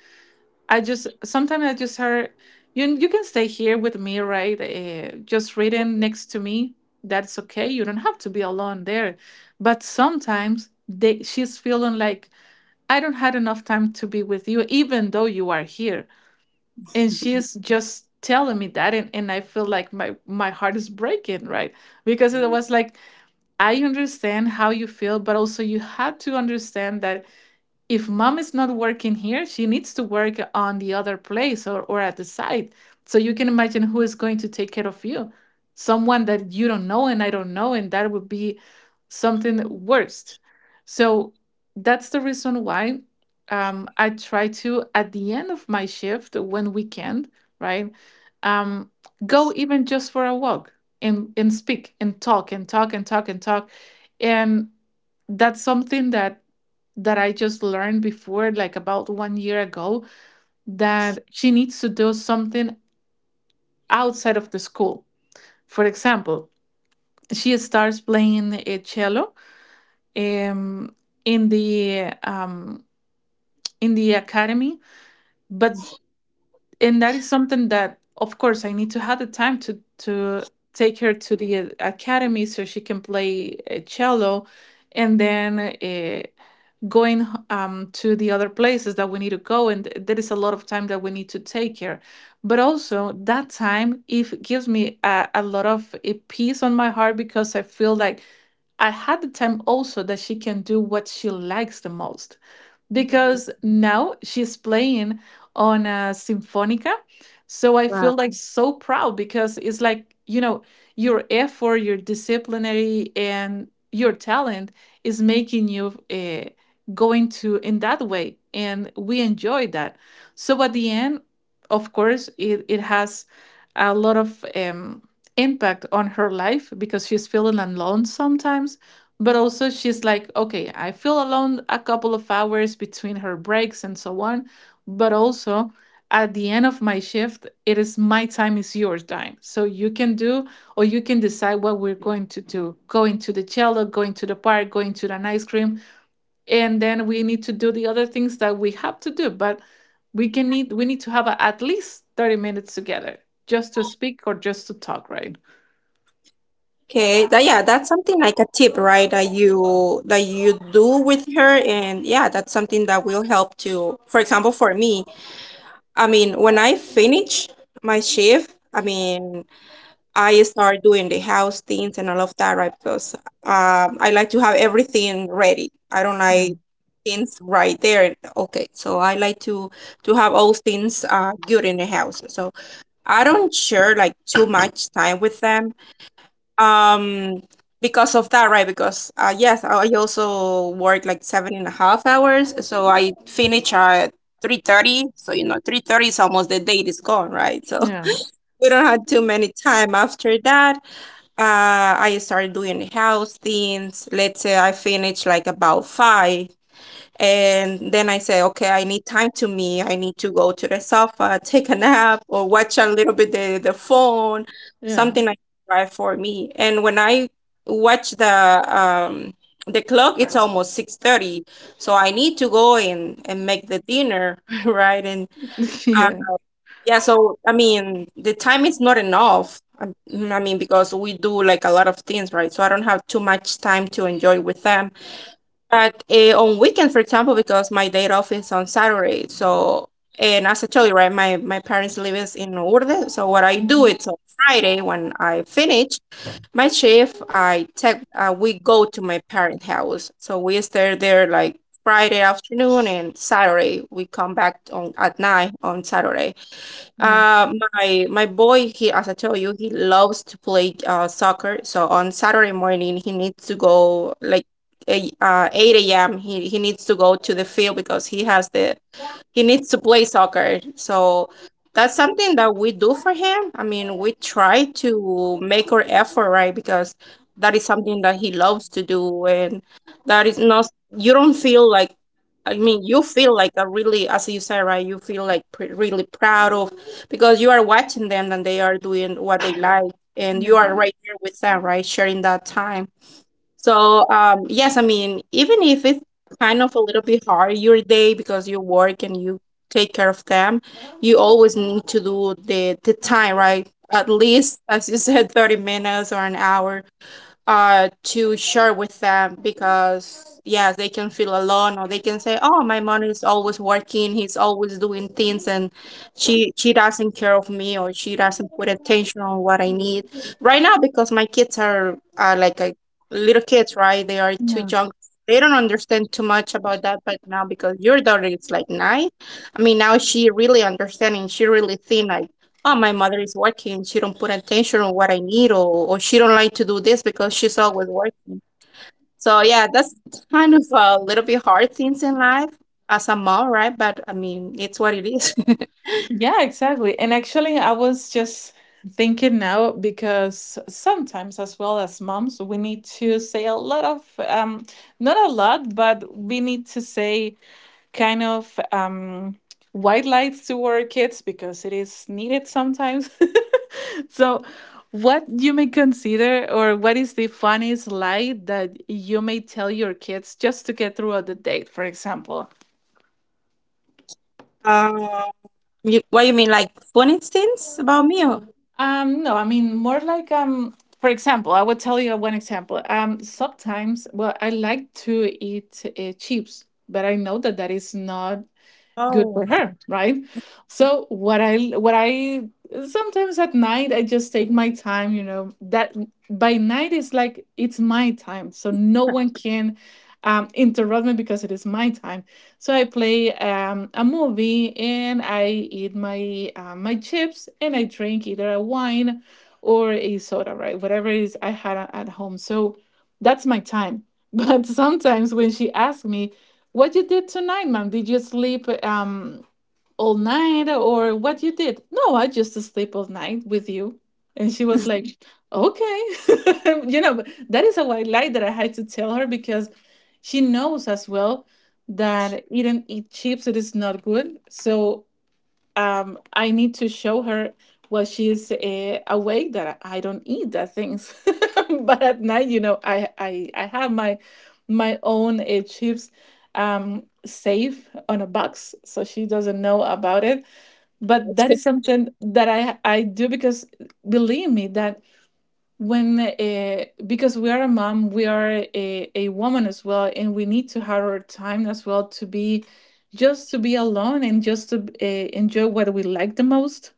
I just, sometimes I just heard you, you can stay here with me, right? Uh, just reading next to me. That's okay. You don't have to be alone there. But sometimes they she's feeling like, I don't had enough time to be with you, even though you are here. And she's just telling me that, and, and I feel like my my heart is breaking, right? Because it was like, I understand how you feel, but also you had to understand that if mom is not working here, she needs to work on the other place, or, or at the site. So you can imagine who is going to take care of you. Someone that you don't know and I don't know, and that would be something worst. So that's the reason why, um, I try to, at the end of my shift, when we can, right, um, go even just for a walk, and, and speak and talk and talk and talk and talk. And that's something that that I just learned before, like about one year ago, that she needs to do something outside of the school. For example, she starts playing a cello um, in the um, in the academy, but and that is something that, of course, I need to have the time to to take her to the academy so she can play a cello, and then uh, going um, to the other places that we need to go. And there is a lot of time that we need to take care, but also that time if gives me a, a lot of a peace on my heart, because I feel like I had the time also that she can do what she likes the most, because now she's playing on a symphonica. So I feel like so proud, because it's like, you know, your effort, your disciplinary, and your talent is making you uh, going to in that way. And we enjoy that. So at the end, of course, it, it has a lot of um, impact on her life, because she's feeling alone sometimes. But also, she's like, okay, I feel alone a couple of hours between her breaks and so on. But also, at the end of my shift, it is my time, is your time, so you can do or you can decide what we're going to do: going to the cello, going to the park, going to an ice cream, and then we need to do the other things that we have to do. But we can need we need to have a, at least thirty minutes together, just to speak or just to talk, right? Okay, that, yeah, that's something like a tip, right? That you that you do with her, and yeah, that's something that will help to, for example, for me. I mean, when I finish my shift, I mean, I start doing the house things and all of that, right? Because um, I like to have everything ready. I don't Yeah, like things right there. Okay, so I like to to have all things uh good in the house. So I don't share like too much time with them um because of that, right? Because uh yes, i I also work like seven and a half hours, so I finish at three thirty, so you know three thirty is almost the date is gone, right? So yeah, we don't have too many time after that. uh I started doing house things. Let's say I finish like about five, and then I say, okay, I need time to me. I need to go to the sofa, take a nap, or watch a little bit the, the phone, yeah, something like that for me. And when I watch the um the clock, it's almost six thirty. So I need to go and and make the dinner, right? And uh, yeah, yeah, so I mean, the time is not enough. um, I mean, because we do like a lot of things, right? So I don't have too much time to enjoy with them. But uh, on weekends, for example, because my day off is on Saturday, so and as I told you, right, my my parents lives in Urde, so what I do mhm, is on Friday when I finish my shift, I take uh, we go to my parent house, so we stay there like Friday afternoon and Saturday we come back on at night on Saturday. yeah, Uh, my my boy, he as I told you, he loves to play uh soccer. So on Saturday morning, he needs to go like a- uh eight a m. He he needs to go to the field because he has the he needs to play soccer. So that's something that we do for him. I mean, we try to make our effort, right? Because that is something that he loves to do, and that is not, you don't feel like, I mean, you feel like a really, as you said, right? You feel like pr really proud of because you are watching them and they are doing what they like, and yeah, you are right there with them, right? Sharing that time. So, um, yes, I mean, even if it's kind of a little bit hard your day because you work and you take care of them, you always need to do the the time, right? At least, as you said, thirty minutes or an hour uh to share with them, because yeah, they can feel alone or they can say, oh, my mom is always working, he's always doing things, and she she doesn't care of me or she doesn't put attention on what I need right now. Because my kids are are like a little kids, right, they are too young, they don't understand too much about that. But now because your daughter is like nine, I mean, now she really understanding, she really thin oh, my mother is working. She don't put attention on what I need, or or she don't like to do this because she's always working. So yeah, that's kind of a little bit hard things in life as a mom, right? But I mean, it's what it is. yeah, exactly. And actually, I was just thinking now, because sometimes, as well as moms, we need to say a lot of, um, not a lot, but we need to say, kind of, um, white lights to our kids, because it is needed sometimes. So, what you may consider, or what is the funniest lie that you may tell your kids just to get through the date, for example? Um, you, what you mean, like fun instance about me? Or? Um, no, I mean more like, um. For example, I would tell you one example. Um, sometimes, well, I like to eat uh, chips, but I know that that is not good for Oh, her, right? So what i what i sometimes at night, I just take my time. You know that by night is like, it's my time, so no one can um, interrupt me, because it is my time. So I play um, a movie, and I eat my uh, my chips, and I drink either a wine or a soda, right, whatever it is I had a- at home. So that's my time. But sometimes when she asks me, what you did tonight, ma'am? Did you sleep um all night, or what you did? No, I just sleep all night with you. And she was like, okay. You know, but that is a white lie that I had to tell her, because she knows as well that eating eat chips it is not good. So, um, I need to show her while she's uh, awake, that I don't eat that things. But at night, you know, I I I have my my own uh, chips, um safe on a box, so she doesn't know about it. But that is something that i i do, because believe me that when, uh, because we are a mom, we are a, a woman as well, and we need to have our time as well, to be just to be alone, and just to uh, enjoy what we like the most,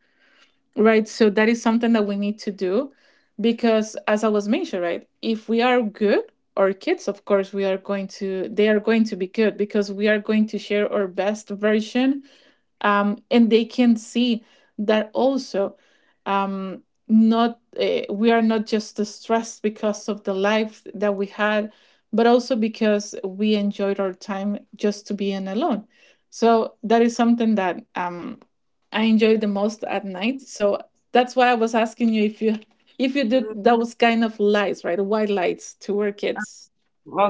right? So that is something that we need to do, because as I was mentioned, right, if we are good our kids, of course, we are going to, they are going to be good, because we are going to share our best version, um, and they can see that also. Um, not uh, We are not just stressed because of the life that we had, but also because we enjoyed our time just to be in alone. So that is something that, um, I enjoy the most at night. So that's why I was asking you if you, if you do those kind of lights, right, white lights to our kids.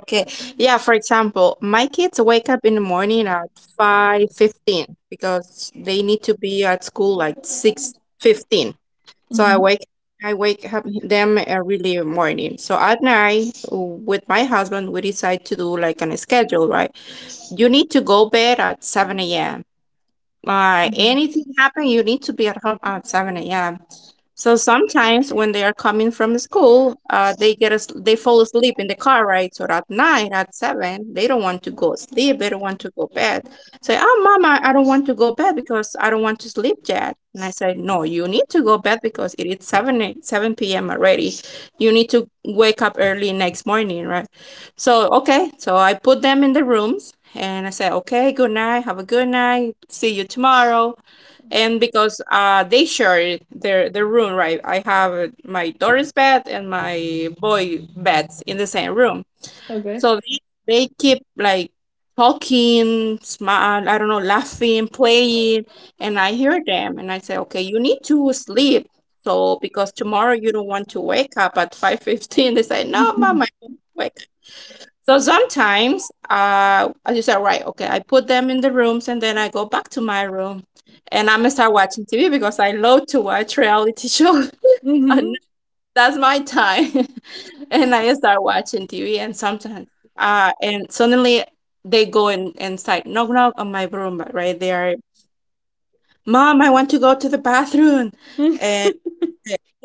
okay. Yeah, for example, my kids wake up in the morning at five fifteen because they need to be at school like six fifteen. So I Hmm, wake I wake up them early morning. So at night with my husband we decide to do like an schedule, right? You need to go bed at seven a m. Uh, anything happen, you need to be at home at seven a m. So sometimes when they are coming from school, uh, they get as they fall asleep in the car, right? So at night, at seven, they don't want to go sleep. They don't want to go bed. Say, oh, mama, I don't want to go bed because I don't want to sleep yet. And I say, no, you need to go bed because it is seven seven p.m. already. You need to wake up early next morning, right? So okay, so I put them in the rooms and I say, okay, good night, have a good night, see you tomorrow. And because uh, they share their their room, right? I have my daughter's bed and my boy beds in the same room. okay. So they, they keep like talking, smile, I don't know, laughing, playing, and I hear them and I say, okay, you need to sleep. So because tomorrow you don't want to wake up at five fifteen, they say, no, mom, I won't wake so sometimes uh, I just say, right, okay, I put them in the rooms and then I go back to my room and I'm gonna start watching T V because I love to watch reality show. Hmm, And that's my time. And I start watching T V and sometimes uh and suddenly they go in and start knock knock on my room, right? They are, mom, I want to go to the bathroom, hmm.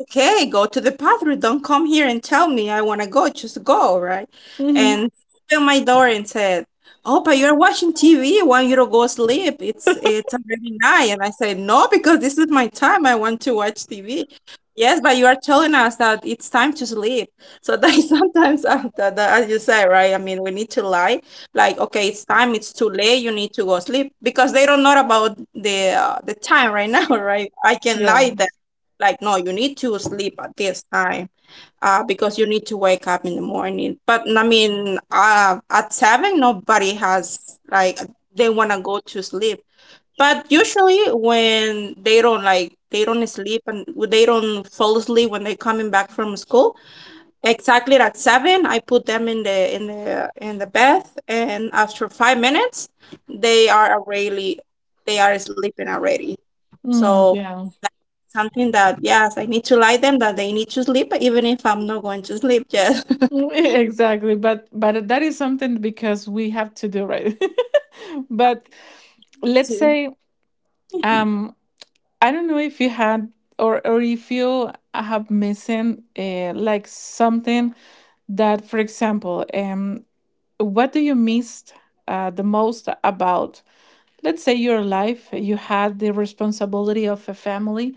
okay, go to the bathroom. Don't come here and tell me I want to go. Just go, right? And opened my door and said, "Oh, you're watching T V. Want you to go sleep? It's it's already night." And I said, "No, because this is my time. I want to watch T V." Yes, but you are telling us that it's time to sleep. So that is sometimes uh, that, that, as you say, right? I mean, we need to lie. Like, okay, it's time. It's too late. You need to go sleep because they don't know about the uh, the time right now, right? I can Yeah. lie that, like, no, you need to sleep at this time uh because you need to wake up in the morning, but I mean uh at seven nobody has like they want to go to sleep. But usually when they don't, like they don't sleep and they don't fall asleep when they're coming back from school, exactly at seven I put them in the in the in the bath, and after five minutes they are already, they are sleeping already. Mm, So yeah, something that, yes, I need to lie them that they need to sleep, even if I'm not going to sleep yet. mm. Exactly. But but that is something because we have to do, right. But let's say, um I don't know if you had or or if you have missing, uh, like something that, for example, um what do you missed uh, the most about, let's say, your life? You had the responsibility of a family,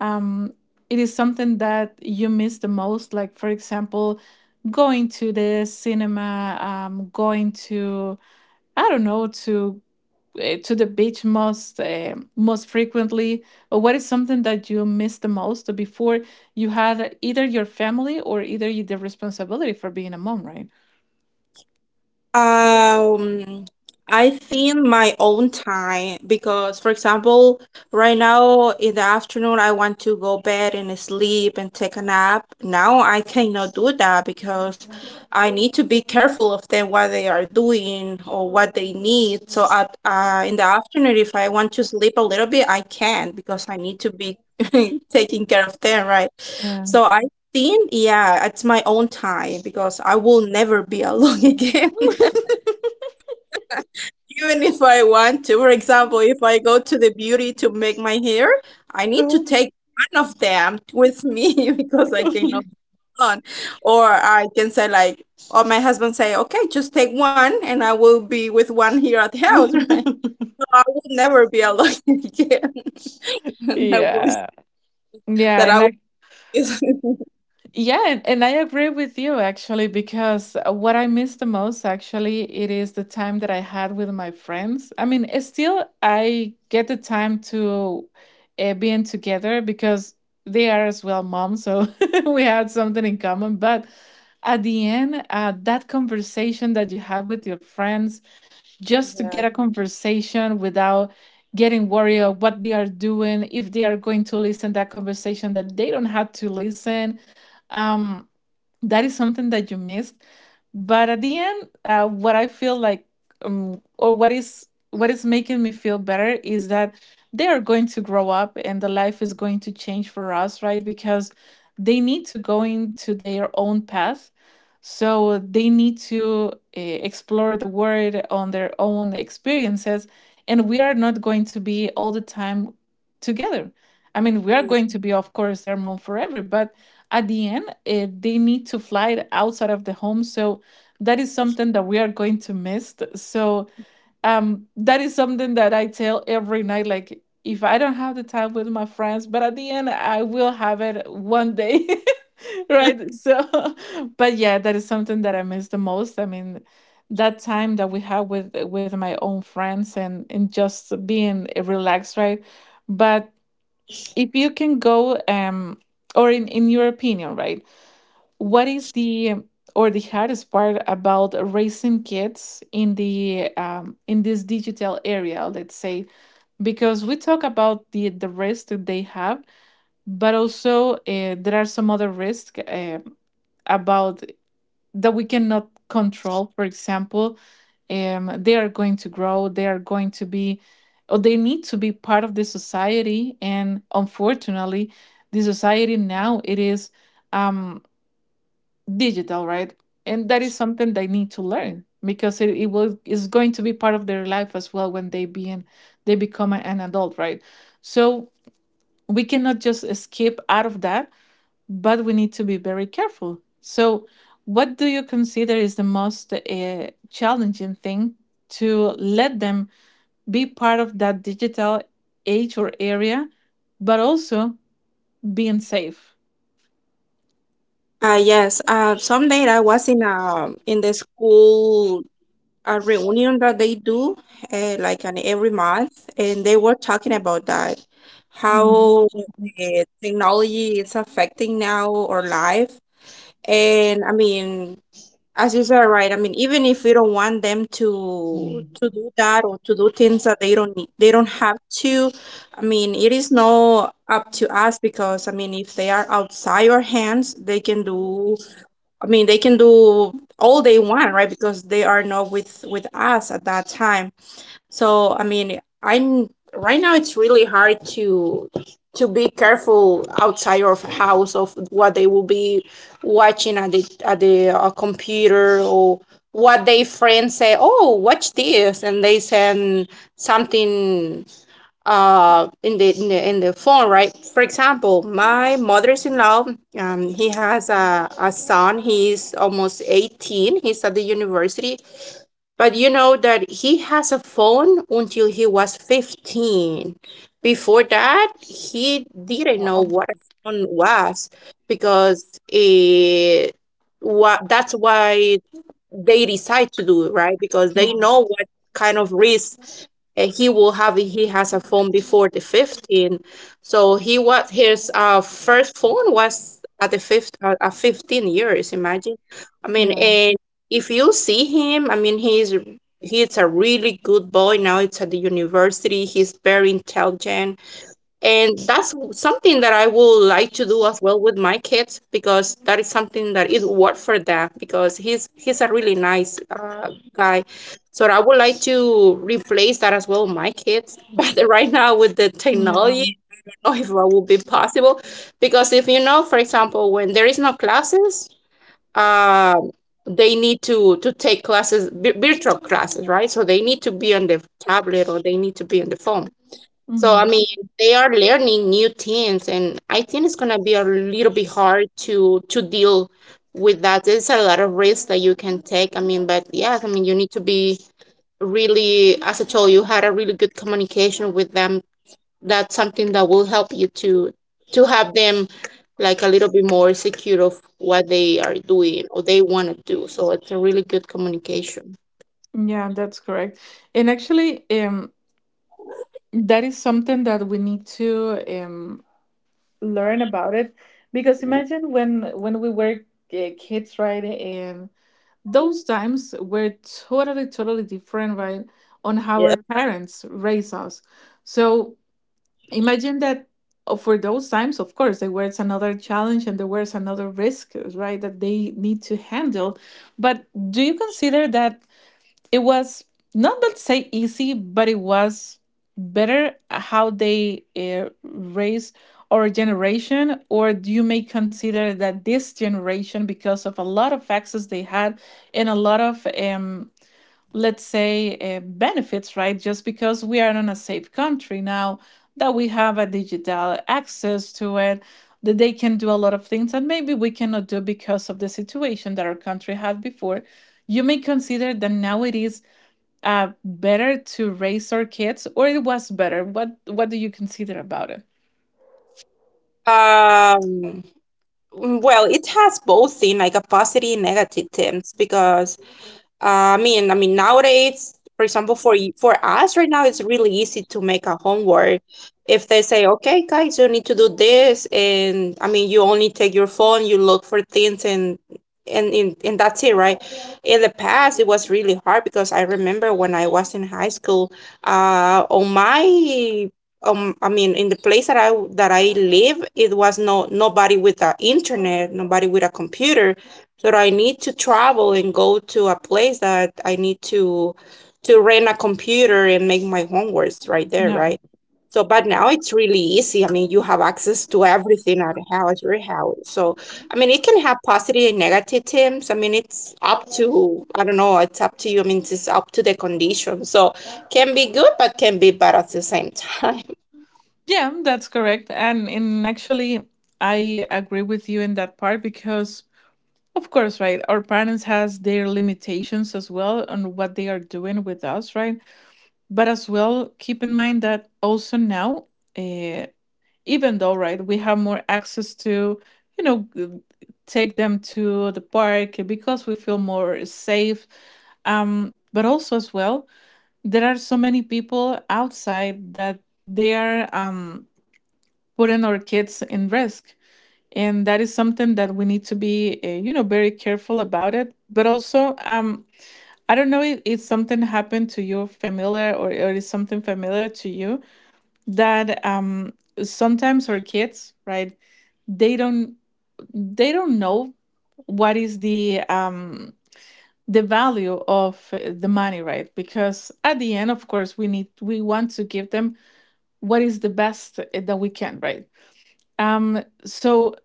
um, it is something that you miss the most. Like, for example, going to the cinema, um, going to, I don't know, to eh, to the beach most eh, most frequently? Or what is something that you miss the most before you had either your family or either you- the responsibility for being a mom, right? Um, I think my own time because, for example, right now in the afternoon, I want to go bed and sleep and take a nap. Now I cannot do that because I need to be careful of them, what they are doing or what they need. So at uh, in the afternoon, if I want to sleep a little bit, I can because I need to be taking care of them, right? Yeah. So I think, yeah, it's my own time because I will never be alone again. Even if I want to, for example, if I go to the beauty to make my hair, I need to take one of them with me because I cannot be alone. Or I can say, like, or my husband say, okay, just take one and I will be with one here at the house, right? So I will never be alone again. And I will yeah yeah, that I will and Yeah, and, and I agree with you actually, because what I miss the most actually it is the time that I had with my friends. I mean, it's still I get the time to uh, being together because they are as well mom, so we had something in common. But at the end, uh, that conversation that you have with your friends, just to yeah. get a conversation without getting worried of what they are doing, if they are going to listen that conversation that they don't have to listen. Um, that is something that you missed, but at the end, uh, what I feel like, um, or what is what is making me feel better is that they are going to grow up and the life is going to change for us, right? Because they need to go into their own path, so they need to uh, explore the world on their own experiences. And we are not going to be all the time together. I mean, we are going to be, of course, their mom forever, but at the end, uh, they need to fly it outside of the home. So that is something that we are going to miss. So um, that is something that I tell every night. Like, if I don't have the time with my friends, but at the end, I will have it one day. Right. So, but yeah, that is something that I miss the most. I mean, that time that we have with with my own friends and and just being relaxed, right? But if you can go, um, or in in your opinion, right? What is the or the hardest part about raising kids in the, um, in this digital area, let's say? Because we talk about the the risk that they have, but also uh, there are some other risks uh, about that we cannot control. For example, um, they are going to grow, they are going to be, or they need to be part of the society, and unfortunately, the society now it is, Um, digital, right? And that is something they need to learn because it, it will is going to be part of their life as well when they be in, they become a- an adult, right? So we cannot just skip out of that, but we need to be very careful. So, what do you consider is the most uh, challenging thing to let them be part of that digital age or area, but also being safe? Uh, yes. Uh, someday I was in um in the school a reunion that they do uh, like an every month, and they were talking about that Mhm. how uh, technology is affecting now our life. And I mean, as you said, right, I mean, even if we don't want them to to do that or to do things that they don't need, they don't have to, I mean, it is not up to us because I mean if they are outside our hands, they can do I mean, they can do all they want, right? Because they are not with with us at that time. So, I mean, I'm right now it's really hard to to be careful outside your house of what they will be watching at the at the uh, computer or what their friends say, "Oh, watch this," and they send something uh in the in the in the phone, right? For example, my mother's-in-law, um he has a, a son, he's almost eighteen, he's at the university, but you know that he has a phone until he was fifteen. Before that, he didn't know Wow. what a phone was, because it, what, that's why they decide to do it, right? Because they know what kind of risk uh, he will have if he has a phone before the fifteen. So he was his uh, first phone was at the fifth uh, at fifteen years, imagine. I mean, Yeah. and if you see him, I mean, he's he's a really good boy now. It's at the university. He's very intelligent, and that's something that I would like to do as well with my kids because that is something that is worth for them because he's he's a really nice uh, guy. So I would like to replace that as well with my kids. But right now with the technology, Yeah. I don't know if that will be possible. Because if you know, for example, when there is no classes, uh, they need to to take classes, vi- virtual classes, right? So they need to be on the tablet or they need to be on the phone. So I Mhm. mean, they are learning new things, and I think it's gonna be a little bit hard to to deal with that. There's a lot of risks that you can take. I mean, but yeah, I mean, you need to be really, as I told you, had a really good communication with them. That's something that will help you to to have them like a little bit more secure of what they are doing or they want to do. So it's a really good communication. Yeah, that's correct. And actually, um, that is something that we need to um, learn about it, because imagine when when we were uh, kids, right? And those times were totally, totally different, right? On how Yeah. our parents raised us. So imagine that, uh, for those times, of course, there was another challenge and there was another risk, right? That they need to handle. But do you consider that it was not, let's say, easy, but it was better how they uh, raise our generation? Or do you may consider that this generation, because of a lot of access they had and a lot of, um, let's say, uh, benefits, right? Just because we are in a safe country now that we have a digital access to it, that they can do a lot of things that maybe we cannot do because of the situation that our country had before. You may consider that now it is uh, better to raise our kids, or it was better? What What do you consider about it? Um, Mm, Well, it has both in like a positive and negative terms, because uh, I mean, I mean nowadays, for example, for y- for us right now, it's really easy to make a homework. If they say, "Okay, guys, you need to do this," and I mean, you only take your phone, you look for things, and and and, and that's it, right? In the past, it was really hard. Because I remember when I was in high school, uh, on my um I mean in the place that I that i live, it was no nobody with a internet, nobody with a computer. So I need to travel and go to a place that I need to to rent a computer and make my homeworks right there, Yeah, right? So but now it's really easy. I mean, you have access to everything at house your house. So I mean, it can have positive and negative things. I mean, it's up to, I don't know, it's up to you. I mean, it's up to the condition, so can be good but can be bad at the same time. yeah, that's correct. And in actually, I agree with you in that part because, of course, right, our parents has their limitations as well on what they are doing with us, right? But as well, keep in mind that also now, Uh, even though right we have more access to, you know, g- take them to the park because we feel more safe, um but also as well there are so many people outside that they are um putting our kids in risk. And that is something that we need to be, uh, you know, very careful about it. But also, um I don't know if, if something happened to you familiar, or, or is something familiar to you, that um sometimes our kids, right, they don't they don't know what is the, um the value of uh, the money, right? Because at the end, of course, we need, we want to give them what is the best uh, that we can, right? Um so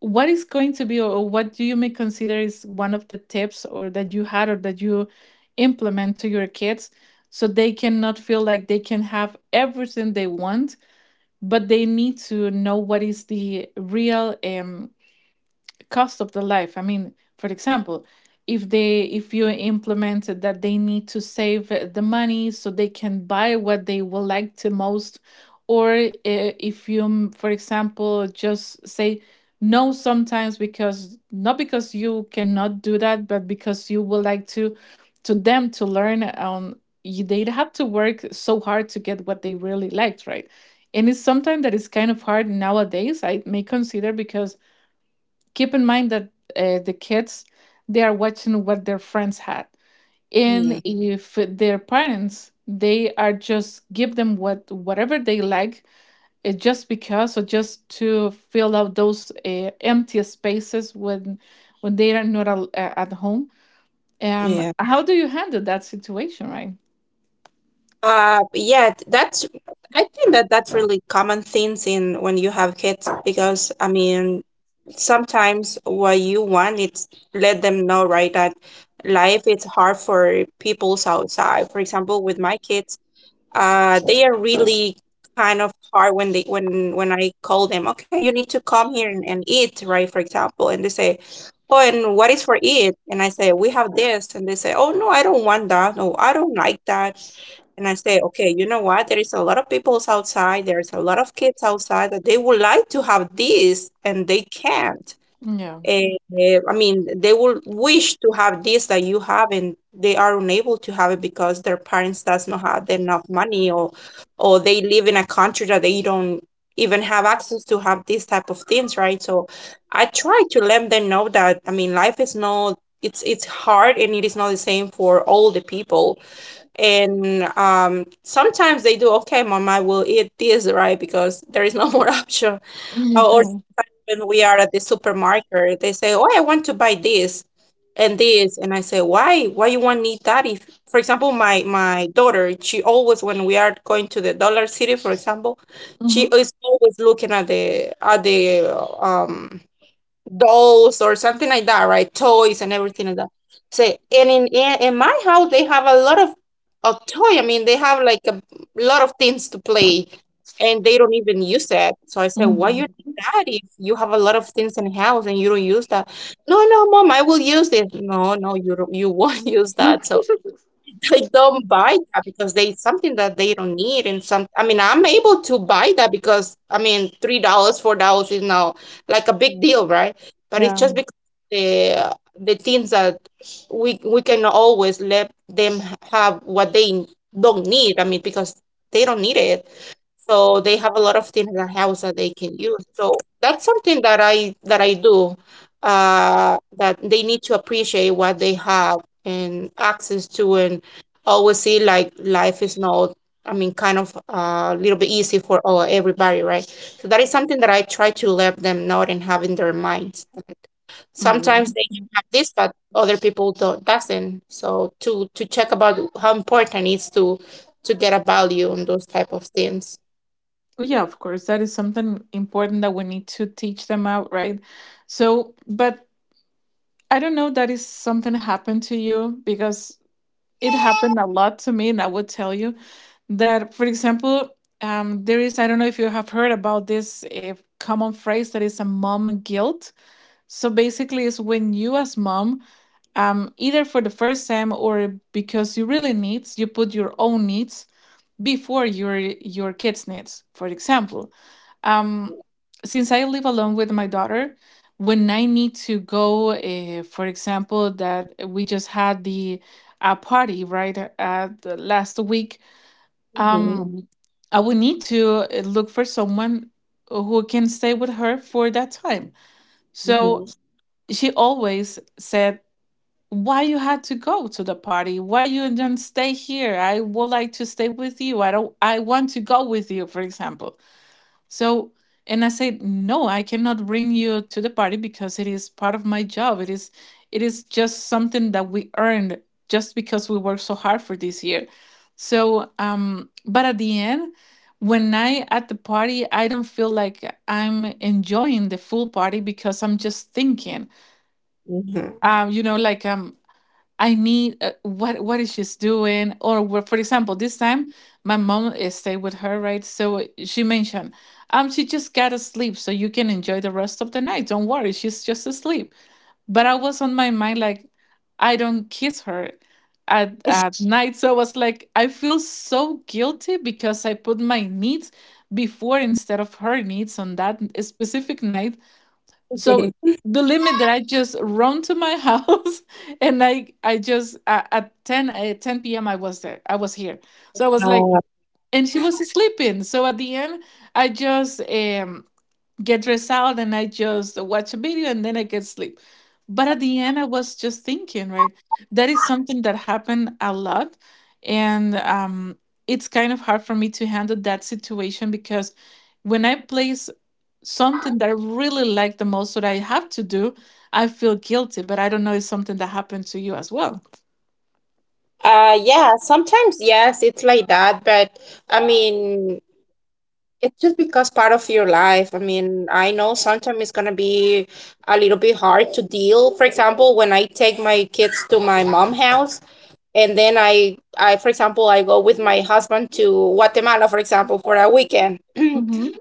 what is going to be or what do you may consider is one of the tips or that you had or that you implement to your kids, so they cannot feel like they can have everything they want, but they need to know what is the real, um. cost of the life? I mean, for example, if they, if you implemented that they need to save uh, the money so they can buy what they would like to most? Or, uh, if you, mm, for example, just say no sometimes? Because, not because you cannot do that, but because you would like to, to them to learn, um you, they'd have to work so hard to get what they really liked, right? And it's something that is kind of hard nowadays, I may consider, because keep in mind that, uh, the kids they are watching what their friends had. And Mm, if their parents, they are just give them what whatever they like, uh, just because, or just to fill out those uh, empty spaces when when they are not al- uh, at home. um yeah. How do you handle that situation, right? Uh, yeah, th- that's, I think that that's really common themes in when you have kids. Because, I mean, sometimes what you want is let them know, right, that life is hard for people's outside. For example, with my kids, Uh, they are really kind of hard, when they when when I call them, okay, you need to come here and, and eat, right? For example, and they say, "Oh, and what is for it?" And I say, "We have this," and they say, "Oh no, I don't want that. No, I don't like that." And I say, "Okay, you know what? There is a lot of peoples outside, there's a lot of kids outside that they would like to have this and they can't. Yeah. Eh, eh, I mean, they will wish to have this that you have, and they are unable to have it because their parents does not have enough money, or or they live in a country that they don't even have access to have these type of things, right?" So I try to let them know that, I mean, life is not, it's it's hard, and it is not the same for all the people. And um, sometimes they do, "Okay, mom, I will eat this," right? Because there is no more option. Or Yeah. when we are at the supermarket, they say, "Oh, I want to buy this and this," and I say, "Why? Why you want need that?" If, for example, my my daughter, she always when we are going to the Dollar City, for example, she Mm-hmm. is always looking at the at the um dolls or something like that, right? Toys and everything like that. Say, and in, in in my house they have a lot of a toy. I mean, they have like a lot of things to play, and they don't even use it. So I said, why you need Mm-hmm. that if you have a lot of things in house and you don't use that? "No, no, mom, I will use it." "No, no, you don't, you won't use that." So they don't buy that because they something that they don't need. And some I mean, I'm able to buy that because I mean three dollars four dollars is now like a big deal, right? But it's just because the the things that we we can always let them have what they don't need. I mean, because they don't need it. So they have a lot of things in the house that they can use. So that's something that I that I do. Uh, that they need to appreciate what they have and access to, and always see like life is not. I mean, kind of a little bit easy for all, everybody, right? So that is something that I try to let them know and have in their minds. Sometimes Yeah. they can have this, but other people don't doesn't. So to to check about how important it is to to get a value on those type of things. Well, yeah, of course. That is something important that we need to teach them out, right? So, but I don't know, that is something happened to you, because it happened a lot to me. And I would tell you that, for example, um, there is, I don't know if you have heard about this uh, common phrase that is a mom guilt. So basically, it's when you, as mom, um, either for the first time or because you really needs, you put your own needs before your your kids' needs, for example. Um, since I live alone with my daughter, when I need to go, uh, for example, that we just had the uh, party right at the last week. um, Mhm. Mhm. I would need to uh, look for someone who can stay with her for that time. Hmm, So she always said, "Why you had to go to the party? Why you didn't stay here? I would like to stay with you. I don't. I want to go with you." For example. So, and I said, no, I cannot bring you to the party because it is part of my job. It is, it is just something that we earned just because we worked so hard for this year. So, um, but at the end, when I at the party, I don't feel like I'm enjoying the full party because I'm just thinking. hmm. Um, you know, like, um, I need, uh, what what is she's doing, or what, for example, this time my mom uh, stayed with her, right? So, uh, she mentioned, um she just got asleep so you can enjoy the rest of the night, don't worry, she's just asleep. But I was on my mind like I don't kiss her at at night, so I was like, I feel so guilty because I put my needs before, instead of her needs, on that specific night. So the limit that I just run to my house. And I I just uh, at 10 at ten p m. I was there. I was here. So I was like Uh, and she was sleeping. So at the end I just um get dressed out and I just watch a video and then I get sleep. But at the end, I was just thinking, right? That is something that happened a lot. And um, it's kind of hard for me to handle that situation because when I place something that I really like the most that I have to do, I feel guilty. But I don't know, it's something that happened to you as well. uh, yeah, sometimes yes, it's like that, but I mean, it's just because part of your life. I mean, I know sometimes it's gonna be a little bit hard to deal. For example, when I take my kids to my mom house, and then I, I, for example, I go with my husband to Guatemala, for example, for a weekend. Mhm.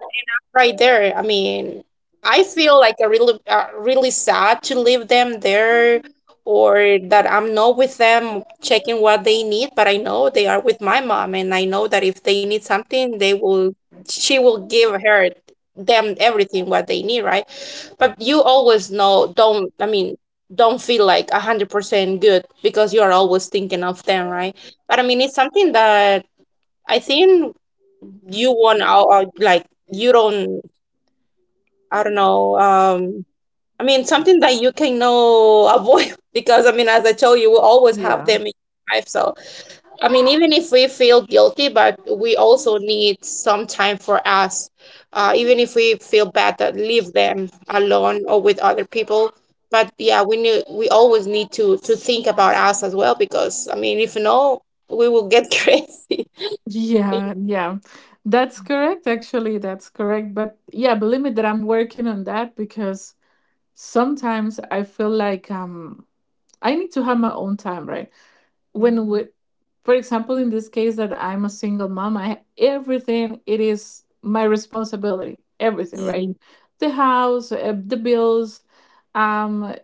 Right there, I mean, I feel like a really, uh, really sad to leave them there or that I'm not with them checking what they need. But I know they are with my mom, and I know that if they need something, they will, she will give her them everything what they need, right? But you always know, don't, I mean, don't feel like a hundred percent good, because you are always thinking of them, right? But I mean, it's something that I think you want out, uh, like, you don't I don't know. Um, I mean, something that you can know avoid because I mean, as I told you, we always have Yeah. them in life. So I mean, even if we feel guilty, but we also need some time for us. Uh, even if we feel bad that leave them alone or with other people. But yeah, we need we always need to to think about us as well, because I mean, if no, we will get crazy. Yeah, yeah. That's Ừm. correct. Actually, that's correct. But yeah, believe me that I'm working on that because sometimes I feel like, um. I need to have my own time, right? When we, Ừm. for example, in this case that I'm a single mom, I everything it is my responsibility, everything, right? Mm. The house, uh, the bills, um,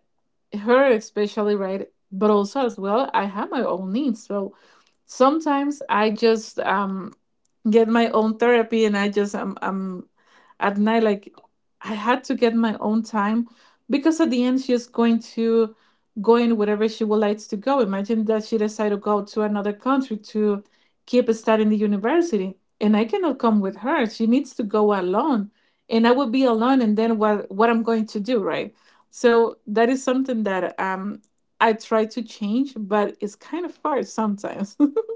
her especially, right? But also as well, I have my own needs, so sometimes I just um get my own therapy. And I just I'm I'm at night like I had to get my own time, because at the end she is going to go in wherever she would like to go. Imagine that she decided to go to another country to keep studying the university. And I cannot come with her. She needs to go alone. And I will be alone, and then what what I'm going to do, right? So that is something that um I try to change, but it's kind of hard sometimes.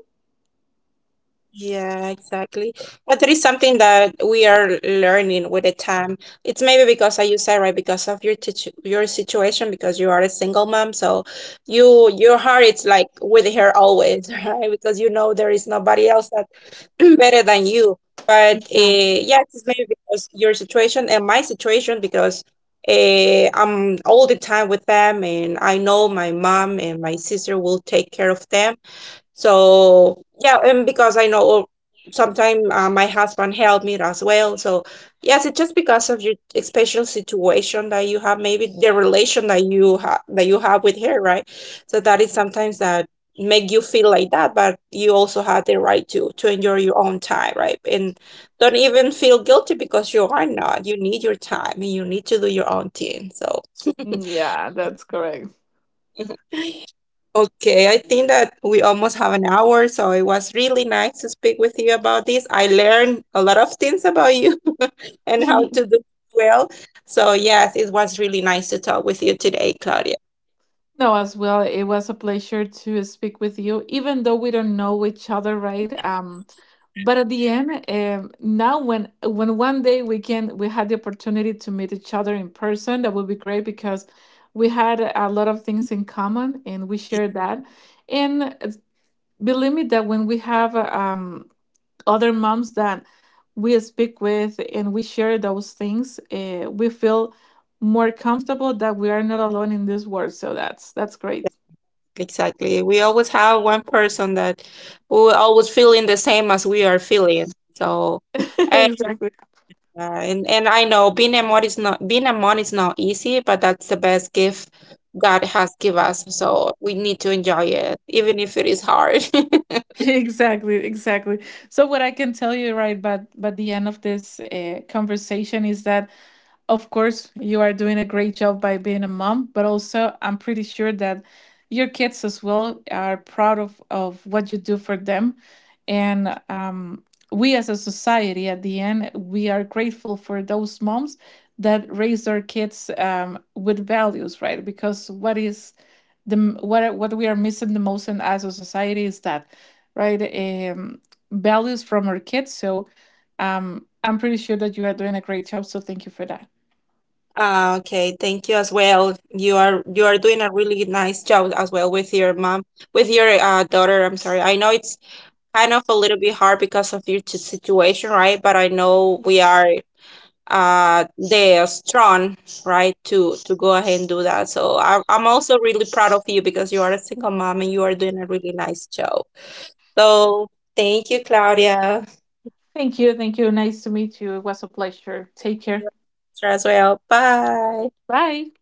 Yeah, exactly. But there is something that we are learning with the time. It's maybe because, as you said, right, because of your teach your situation, because you are a single mom, so you your heart is like with her always, right? Because you know there is nobody else that better than you. But uh, yeah, it's maybe because your situation and my situation, because uh, I'm all the time with them, and I know my mom and my sister will take care of them. So yeah, and because I know sometimes uh, my husband helped me as well. So yes, it's just because of your special situation that you have, maybe the relation that you have that you have with her, right? So that is sometimes that make you feel like that, but you also have the right to to enjoy your own time, right? And don't even feel guilty because you are not. You need your time, and you need to do your own thing. So Mm. Yeah, that's correct. okay, I think that we almost have an hour, so it was really nice to speak with you about this. I learned a lot of things about you and how to do well. So, yes, it was really nice to talk with you today, Claudia. No, as well, it was a pleasure to speak with you, even though we don't know each other, right? Um, but at the end, um, now when when one day we can we had the opportunity to meet each other in person, that would be great because we had a lot of things in common and we shared that. And uh, believe me that when we have, uh, um other moms that we speak with and we share those things, uh, we feel more comfortable that we are not alone in this world. So that's that's great. Exactly. We always have one person that who always feeling the same as we are feeling. So, Exactly, yeah, and and I know being a mom is not being a mom is not easy, but that's the best gift God has give us. So we need to enjoy it, even if it is hard. exactly, exactly. So what I can tell you, right, but but the end of this uh, conversation is that, of course, you are doing a great job by being a mom. But also I'm pretty sure that your kids as well are proud of, of what you do for them. And um, we as a society, at the end, we are grateful for those moms that raise their kids, um, with values, right? Because what is the m- what are- what we are missing the most in as a society is that, right? Um, Values from our kids. So, um, I'm pretty sure that you are doing a great job. So thank you for that. Ah, okay, thank you as well. You are you are doing a really nice job as well with your mom, with your uh, daughter. I'm sorry. I know it's kind of a little bit hard because of your t- situation, right? But I know we are. Uh they're strong, right? To to go ahead and do that. So I, i'm also really proud of you, because you are a single mom and you are doing a really nice job. So thank you, Claudia, Thank you. Thank you. Nice to meet you. It was a pleasure. Take care. as well. Bye. Bye.